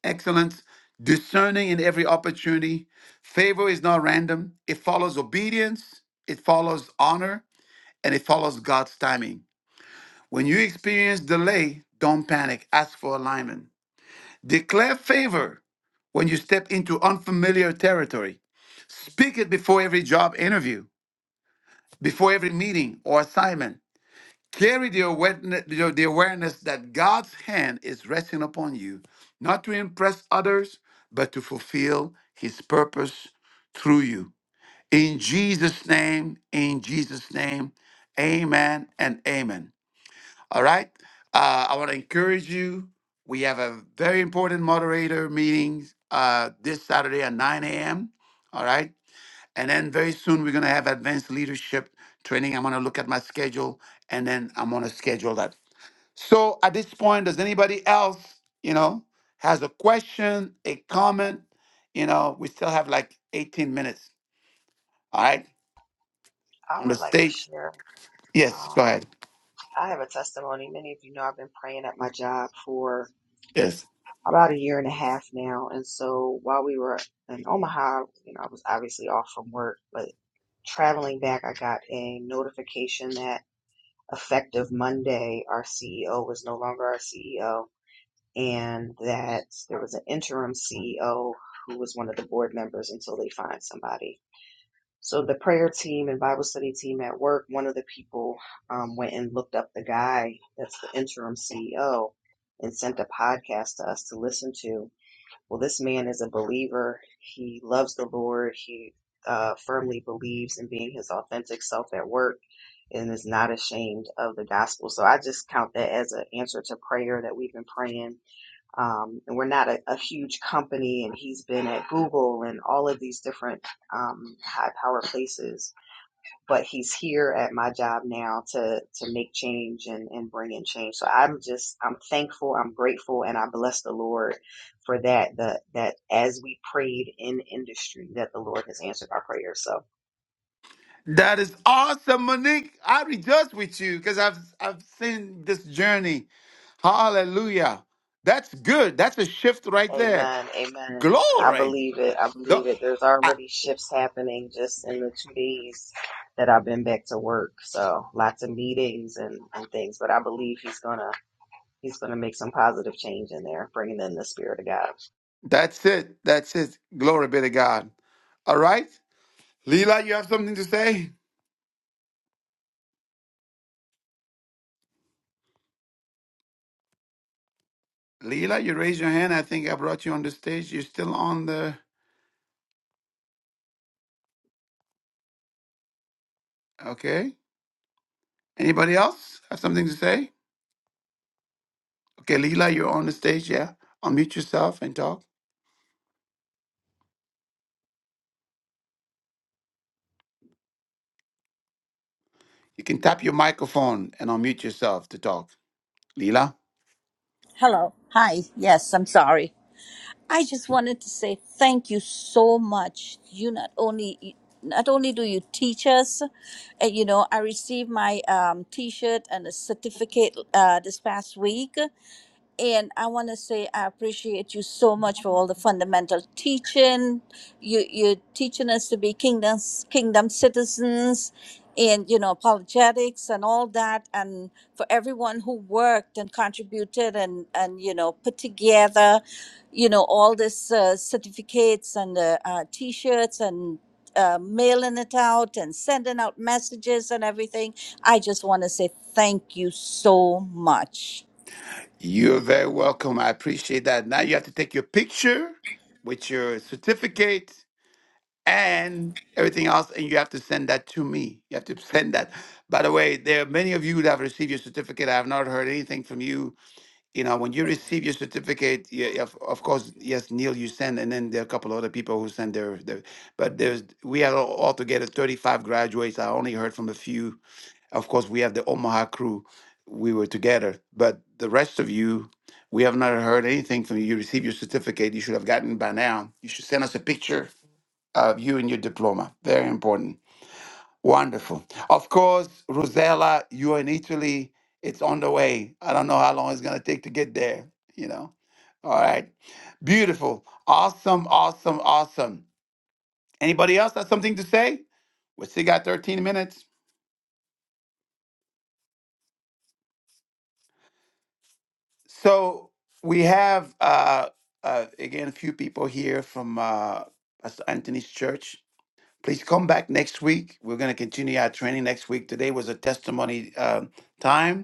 excellence, discerning in every opportunity. Favor is not random. It follows obedience, it follows honor, and it follows God's timing. When you experience delay, don't panic. Ask for alignment. Declare favor when you step into unfamiliar territory. Speak it before every job interview, before every meeting or assignment. Carry the awareness, the awareness that God's hand is resting upon you, not to impress others, but to fulfill his purpose through you. In Jesus' name, in Jesus' name, amen and amen. All right. Uh, I want to encourage you. We have a very important moderator meeting uh, this Saturday at 9 a.m. All right. And then very soon we're going to have advanced leadership training. I'm going to look at my schedule and then I'm going to schedule that. So at this point, does anybody else, you know, has a question, a comment? You know, we still have like 18 minutes. All right.
I
On the
would like to
stage.
share.
Yes.
Um,
Go ahead.
I have a testimony. Many of you know I've been praying at my job for
Yes.
about a year and a half now. And so while we were in Omaha, you know, I was obviously off from work, but traveling back, I got a notification that effective Monday, our CEO was no longer our CEO, and that there was an interim CEO who was one of the board members until they find somebody. So the prayer team and Bible study team at work, one of the people um, went and looked up the guy that's the interim CEO and sent a podcast to us to listen to well, this man is a believer. He loves the Lord. He uh, firmly believes in being his authentic self at work and is not ashamed of the gospel. So I just count that as an answer to prayer that we've been praying. Um, and we're not a, a huge company, and he's been at Google and all of these different um, high power places but he's here at my job now to to make change and and bring in change so i'm just i'm thankful i'm grateful and i bless the lord for that that that as we prayed in industry that the lord has answered our prayers so
That is awesome, Monique. I rejoice with you because I've I've seen this journey. Hallelujah. That's good. That's a shift right there.
amen amen i
Glory.
believe it i
Th-
believe it there's
I-
already shifts happening just in the two days that i've been back to work so lots of meetings and and things but i believe he's gonna he's gonna make some positive change in there bringing in the spirit of god
That's it. That's it. Glory be to God. All right. Leela, you have something to say? Leela, you raised your hand. I think I brought you on the stage. You're still on the. Okay. Anybody else have something to say? Okay, Leela, you're on the stage. Yeah. Unmute yourself and talk. You can tap your microphone and unmute yourself to talk. Leela?
Hello. Hi. Yes, I'm sorry. I just wanted to say thank you so much. You not only not only do you teach us, uh, you know, I received my um, T-shirt and a certificate uh, this past week, and I want to say I appreciate you so much for all the fundamental teaching. You you're teaching us to be kingdoms kingdom citizens, and you know apologetics and all that. And for everyone who worked and contributed and and you know put together, you know all this uh, certificates and uh, uh, t-shirts and. Uh, mailing it out and sending out messages and everything. I just want to say thank you so much.
You're very welcome. I appreciate that. Now you have to take your picture with your certificate and everything else, and you have to send that to me. You have to send that. By the way, there are many of you that have received your certificate. I have not heard anything from you. you know, when you receive your certificate, yeah, yeah, of, of course, yes, Neil, you send, and then there are a couple other people who send their, their but there's, we had all- altogether 35 graduates. I only heard from a few. Of course, we have the Omaha crew. We were together, but the rest of you, we have not heard anything from you. You received your certificate. You should have gotten by now. You should send us a picture of you and your diploma. Very important. Wonderful. Of course, Rosella, you're in Italy. It's on the way. I don't know how long it's going to take to get there, you know. All right. Beautiful. Awesome, awesome, awesome. Anybody else have something to say? We still got 13 minutes. So we have, uh, uh, again, a few people here from uh, Pastor Anthony's church. Please come back next week. We're going to continue our training next week. Today was a testimony um time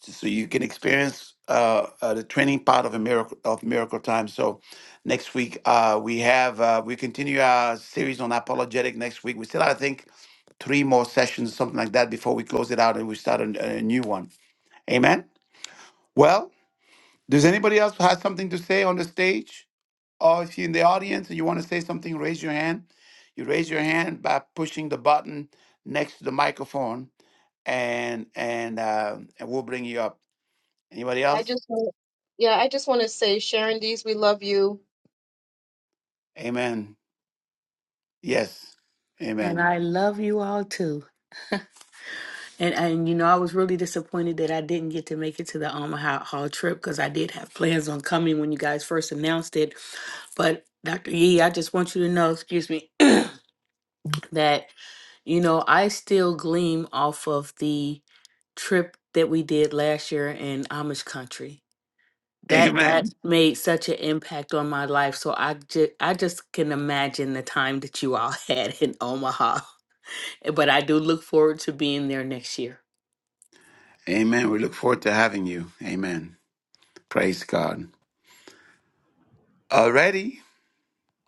so you can experience uh, uh, the training part of a miracle of miracle time. So next week uh, we have uh, we continue our series on apologetic. Next week we still have, I think three more sessions something like that before we close it out and we start a, a new one. Amen. Well, does anybody else have something to say on the stage, or if you're in the audience and you want to say something, raise your hand. You raise your hand by pushing the button next to the microphone, and and uh, and we'll bring you up. Anybody else? Amen. Yes.
And
Amen.
I love you all too. And and you know, I was really disappointed that I didn't get to make it to the Omaha Hall Hall trip because I did have plans on coming when you guys first announced it. But Dr. Yee, I just want you to know, excuse me, that you know, I still gleam off of the trip that we did last year in Amish country. that that
Amen.
made such an impact on my life so i just i just can imagine the time that you all had in omaha but i do look forward to being there next year
Amen. We look forward to having you. Amen. Praise God. Alrighty.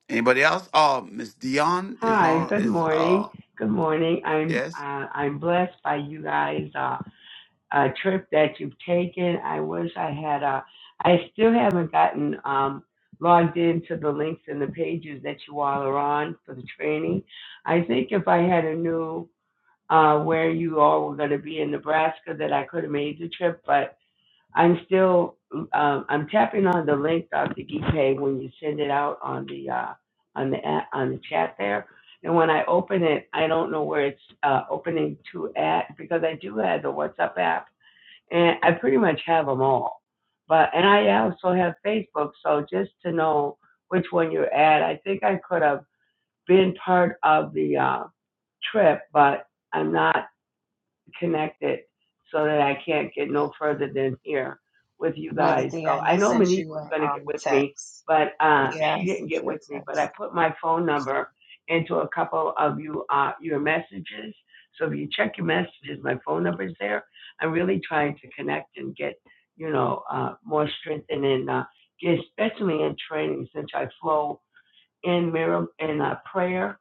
Anybody else? Oh, Miss Dion is
Hi,
on.
good
Is uh
morning. Good morning. I'm
yes.
uh, I'm blessed by you guys uh, uh trip that you've taken. I wish I had uh I still haven't gotten um logged into the links and the pages that you all are on for the training. I think if I had a new uh where you all were going to be in Nebraska that I could have made the trip, but I'm still um, I'm tapping on the link, Dr. Gipay, when you send it out on the uh, on the a- on the chat there. And when I open it, I don't know where it's uh, opening to at because I do have the WhatsApp app, and I pretty much have them all. But and I also have Facebook, so just to know which one you're at, I think I could have been part of the uh, trip, but I'm not connected so that I can't get no further than here with you
Mother
guys. So
Dion,
I
I
know
sent
Monique
you
was
a
going to get
um
with me,
text.
but uh,
Yeah, I
she didn't
sent
get
you a
with me. But I
text.
put my phone number into a couple of you uh, your messages. So if you check your messages, my phone number is there. I'm really trying to connect and get you know uh, more strengthened and uh, get especially in training since I flow in mir- in uh, prayer,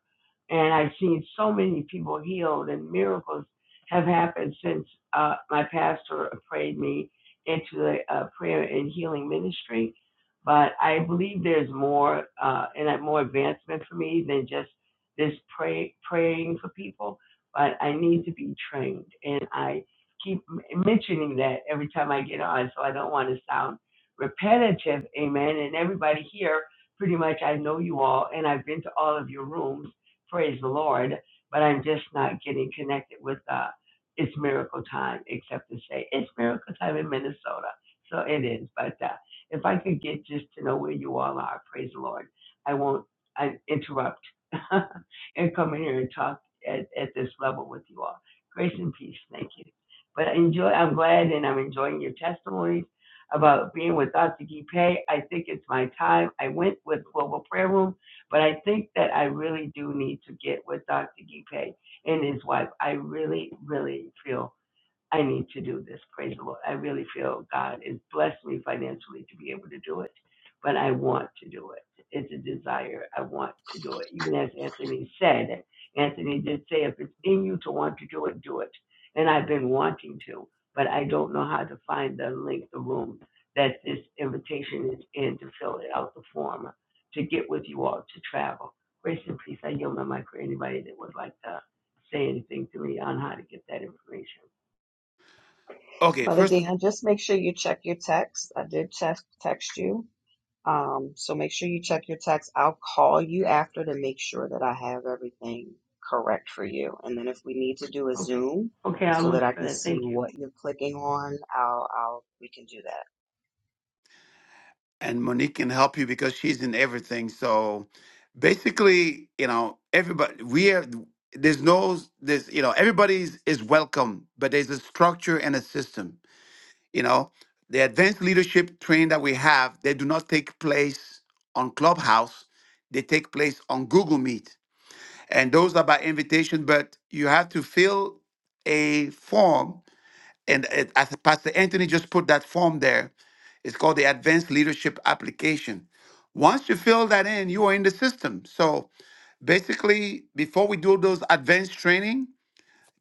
and I've seen so many people healed, and miracles have happened since uh, my pastor prayed me into the uh, prayer and healing ministry. But I believe there's more uh, and uh, more advancement for me than just this pray, praying for people. But I need to be trained, and I keep mentioning that every time I get on, so I don't want to sound repetitive. Amen. And everybody here pretty much I know you all and I've been to all of your rooms, praise the Lord, but I'm just not getting connected with uh it's miracle time, except to say it's miracle time in Minnesota. So it is. But uh if I could get just to know where you all are, praise the Lord. I won't I interrupt and come in here and talk at, at this level with you all. Grace and peace, thank you. But enjoy I'm glad and I'm enjoying your testimonies about being with Asagi Pay. I think it's my time. I went with Global Prayer Room, but I think that I really do need to get with Dr. Gipe and his wife. I really, really feel I need to do this. Praise the Lord. I really feel God has blessed me financially to be able to do it, but I want to do it. It's a desire. I want to do it. Even as Anthony said, Anthony did say, if it's in you to want to do it, do it. And I've been wanting to, but I don't know how to find the link, the room that this invitation is in to fill it out, the form, to get with you all to travel. Grace and peace. I yield my mic for anybody that would like to say anything to me on how to get that information.
Okay.
Mother
First of
Dion, just make sure you check your text. I did text text you. Um, so make sure you check your text. I'll call you after to make sure that I have everything correct for you. And then if we need to do a
Okay,
Zoom
okay, I'll
so that
look
I
for
can
that,
see
thank you.
what you're clicking on, I'll I'll we can do that.
and Monique can help you because she's in everything. So basically, you know, everybody we are. There's no. There's you know everybody's is welcome, but there's a structure and a system. You know, the advanced leadership training that we have, they do not take place on Clubhouse. They take place on Google Meet. And those are by invitation, but you have to fill a form. And it, as Pastor Anthony just put that form there, it's called the Advanced Leadership Application. Once you fill that in, you are in the system. So basically, before we do those advanced training,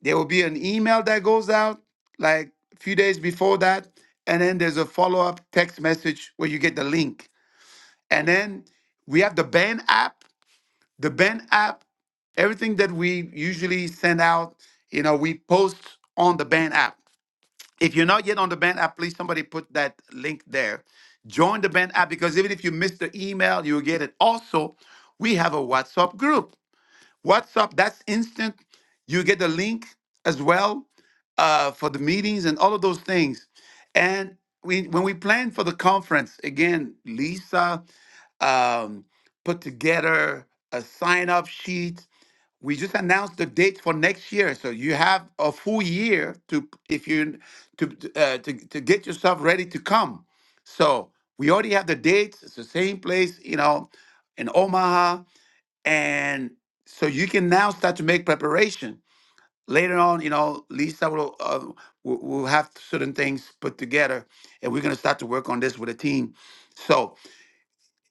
there will be an email that goes out like a few days before that. And then there's a follow up text message where you get the link. And then we have the band app. The band app, everything that we usually send out, you know, we post on the band app. If you're not yet on the band app, please somebody put that link there. Join the band app because even if you miss the email, you'll get it. Also, we have a WhatsApp group WhatsApp, that's instant. You get the link as well uh, for the meetings and all of those things. And we, when we planned for the conference, again, Lisa um, put together a sign up sheet. We just announced the dates for next year, so you have a full year to if you to uh, to to get yourself ready to come. So we already have the dates. It's the same place, you know, in Omaha and so you can now start to make preparation later on you know lisa will uh, will will have certain things put together and we're going to start to work on this with a team so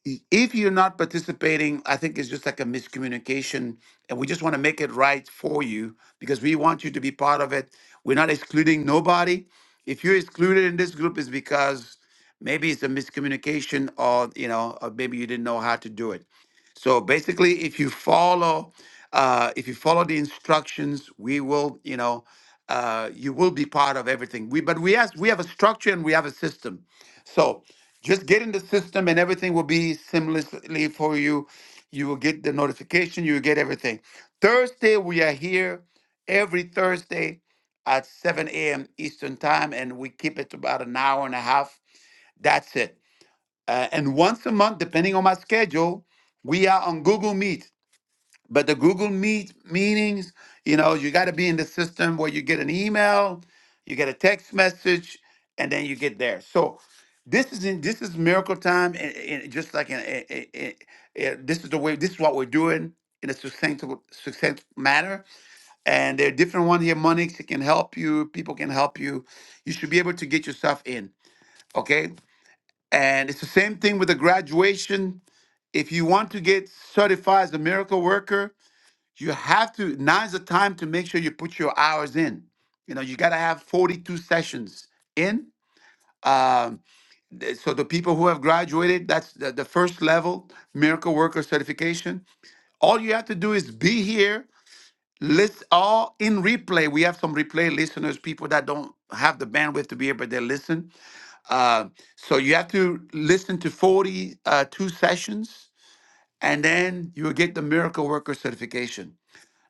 i- if you're not participating i think it's just like a miscommunication and we just want to make it right for you because we want you to be part of it we're not excluding nobody if you're excluded in this group it's because maybe it's a miscommunication or you know or maybe you didn't know how to do it so basically, if you follow, uh, if you follow the instructions, we will, you know, uh, you will be part of everything. We, but we have we have a structure and we have a system. So just get in the system and everything will be seamlessly for you. You will get the notification. You will get everything. Thursday we are here every Thursday at 7 a.m. Eastern time, and we keep it about an hour and a half. That's it. Uh, and once a month, depending on my schedule, we are on Google Meet. But the Google Meet meetings, you know, you got to be in the system where you get an email, you get a text message, and then you get there. So this is in, this is miracle time, and, and just like in, in, in- in- yeah, this is the way this is what we're doing in a succinct succinct manner. And there are different ones here. Money can help you. People can help you. You should be able to get yourself in. Okay. And it's the same thing with the graduation if you want to get certified as a miracle worker, you have to now's the time to make sure you put your hours in. You know, you got to have 42 sessions in. Um, th- so the people who have graduated, that's the, the first level miracle worker certification. All you have to do is be here. List all in replay. We have some replay listeners, people that don't have the bandwidth to be here, but they listen. Uh, so you have to listen to 42 sessions and then you will get the miracle worker certification.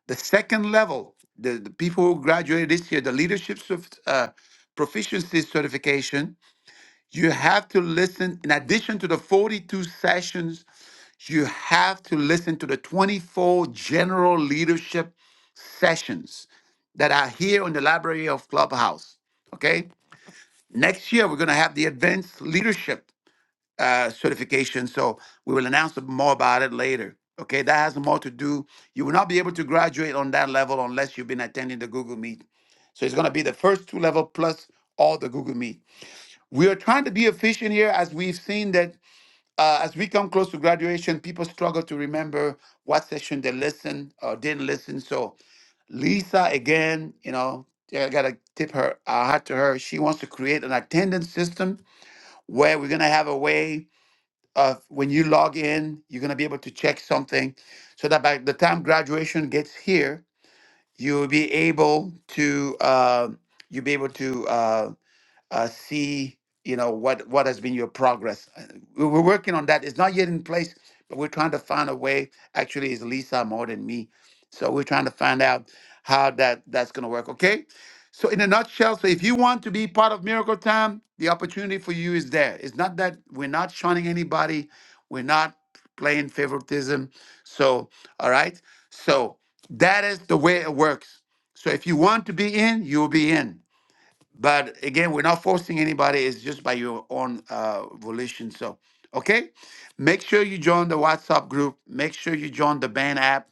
The second level, the, the people who graduated this year, the leadership cer- uh, proficiency certification, you have to listen, in addition to the 42 sessions, you have to listen to the 24 general leadership sessions that are here on the library of Clubhouse. Okay? Next year, we're going to have the advanced leadership uh, certification. So we will announce more about it later. Okay, that has more to do. You will not be able to graduate on that level unless you've been attending the Google Meet. So it's going to be the first two level plus all the Google Meet. We are trying to be efficient here as we've seen that uh, as we come close to graduation, people struggle to remember what session they listened or didn't listen. So Lisa, again, you know, I gotta tip her a hat to her. She wants to create an attendance system where we're gonna have a way uh, when you log in, you're gonna be able to check something, so that by the time graduation gets here, you'll be able to uh, you'll be able to uh, uh, see you know what what has been your progress Uh, we- we're working on that it's not yet in place but we're trying to find a way actually it's lisa more than me so we're trying to find out how that that's going to work okay so in a nutshell so if you want to be part of miracle time the opportunity for you is there it's not that we're not shunning anybody we're not playing favoritism so all right so that is the way it works so if you want to be in you'll be in but again, we're not forcing anybody. It's just by your own uh, volition. So, okay, make sure you join the WhatsApp group. Make sure you join the band app.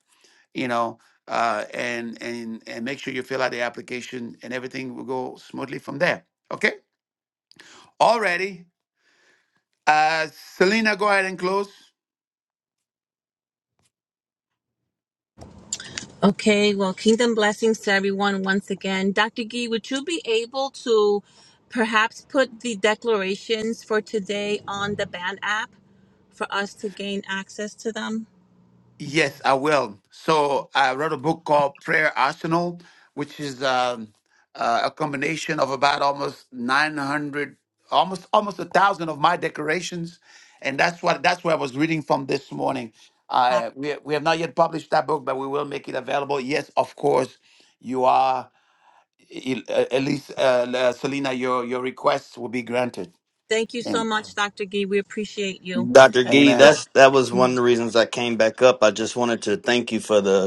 You know, uh, and and and make sure you fill out the application, and everything will go smoothly from there. Okay. Alrighty. Uh, Selena, go ahead and close.
Okay, well, kingdom blessings to everyone once again. Dr. Gee, would you be able to perhaps put the declarations for today on the band app for us to gain access to them?
Yes, I will. So I wrote a book called Prayer Arsenal, which is um, uh, a combination of about almost 900, almost almost a thousand of my decorations, and that's what that's what I was reading from this morning.
Uh,
Uh, we we have not yet published that book, but we will make it available. Yes, of course, you are. e, e, At least, uh, uh, Selena, your your requests will be granted.
Thank you so
Amen.
much, Dr. Gee. We appreciate you.
Dr. Gee,
Amen.
So,
that's that was one of the reasons I came back up. I just wanted to thank you for the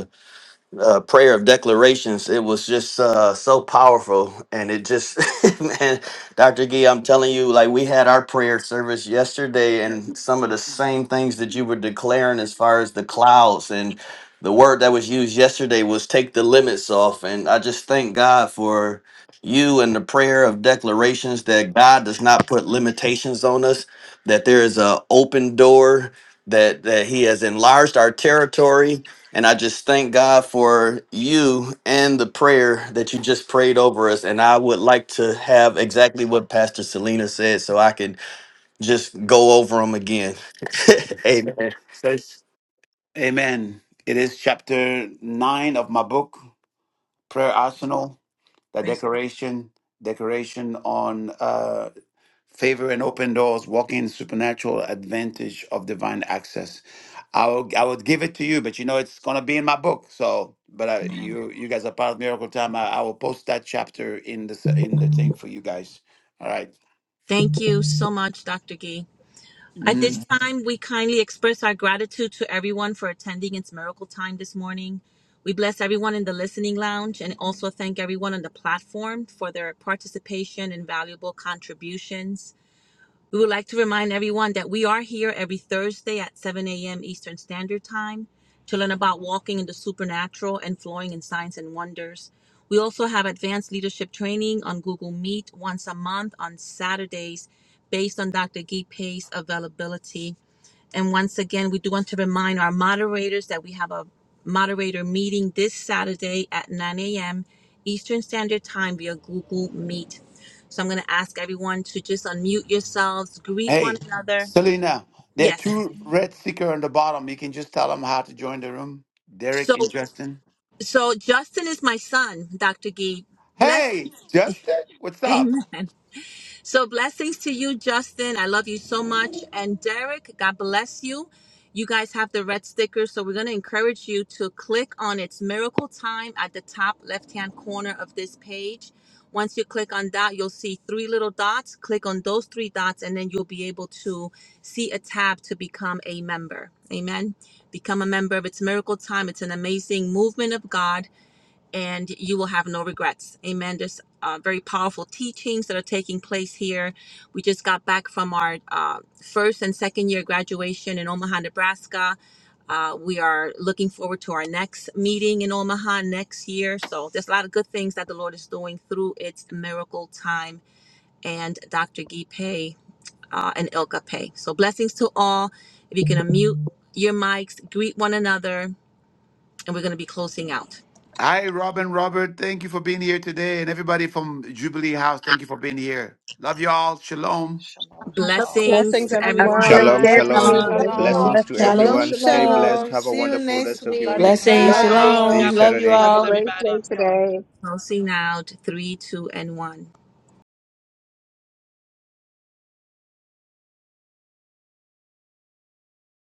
uh, prayer of declarations. It was just uh, so powerful, and it just, man, Doctor Gee, I'm telling you, like we had our prayer service yesterday, and some of the same things that you were declaring as far as the clouds and the word that was used yesterday was take the limits off, and I just thank God for you and the prayer of declarations that God does not put limitations on us, that there is a open door. That, that he has enlarged our territory and I just thank God for you and the prayer that you just prayed over us. And I would like to have exactly what Pastor Selena said so I can just go over them again. Amen.
Says, Amen. It is chapter nine of my book, Prayer Arsenal, the
praise
decoration, decoration on uh, favor and open doors, walking in supernatural advantage of divine access. I will, I would give it to you, but you know it's gonna be in my book. So, but I,
God.
you you guys are part of Miracle Time. I, I will post that chapter in the s- in the thing for you guys. All right.
Thank you so much, Dr. Gee. At
hmm
this time, we kindly express our gratitude to everyone for attending its miracle time this morning. We bless everyone in the listening lounge and also thank everyone on the platform for their participation and valuable contributions. We would like to remind everyone that we are here every Thursday at 7 a.m. Eastern Standard Time to learn about walking in the supernatural and flowing in signs and wonders. We also have advanced leadership training on Google Meet once a month on Saturdays based on Dr. Gee Pay's availability. And once again, we do want to remind our moderators that we have a moderator meeting this Saturday at 9 a.m. Eastern Standard Time via Google Meet. So I'm going to ask everyone to just unmute yourselves, greet one
Hey,
another.
Selena, there are
Yes.
two red sticker on the bottom. You can just tell them how to join the room. Derek
So,
and Justin.
so Justin is my son, Dr. Gee. Blessings.
Hey, Justin, what's up?
Amen. So blessings to you, Justin. I love you so much. And Derek, God bless you. You guys have the red sticker, so we're going to encourage you to click on its miracle time at the top left hand corner of this page. Once you click on that, you'll see three little dots. Click on those three dots, and then you'll be able to see a tab to become a member. Amen. Become a member of its miracle time. It's an amazing movement of God and you will have no regrets. Amen. There's uh, very powerful teachings that are taking place here. We just got back from our uh, first and second year graduation in Omaha, Nebraska. Uh, we are looking forward to our next meeting in Omaha next year. So there's a lot of good things that the Lord is doing through its miracle time and Dr. Gee Pei uh, and Ilka Pei. So blessings to all. If you can unmute your mics, greet one another, and we're going to be closing out.
Hi, Robin, Robert. Thank you for being here today. And everybody from Jubilee House, thank you for being here. Love you all. Shalom.
Shalom, shalom. Have
Blessings
a
Blessings,
to
great
Have
day.
a
everyone.
great
Shalom,
everyone.
day,
shalom.
everyone.
Blessings
Shalom.
to
Blessings.
Shalom,
everyone. Stay blessed.
shalom.
Have a
See you
wonderful rest
next
of your week.
week.
Blessings,
Blessings.
everyone.
Bye.
Shalom.
See
Shalom.
you
God
Love you
Saturday.
all.
bless everybody.
Love y'all.
Passing out three, two, and one.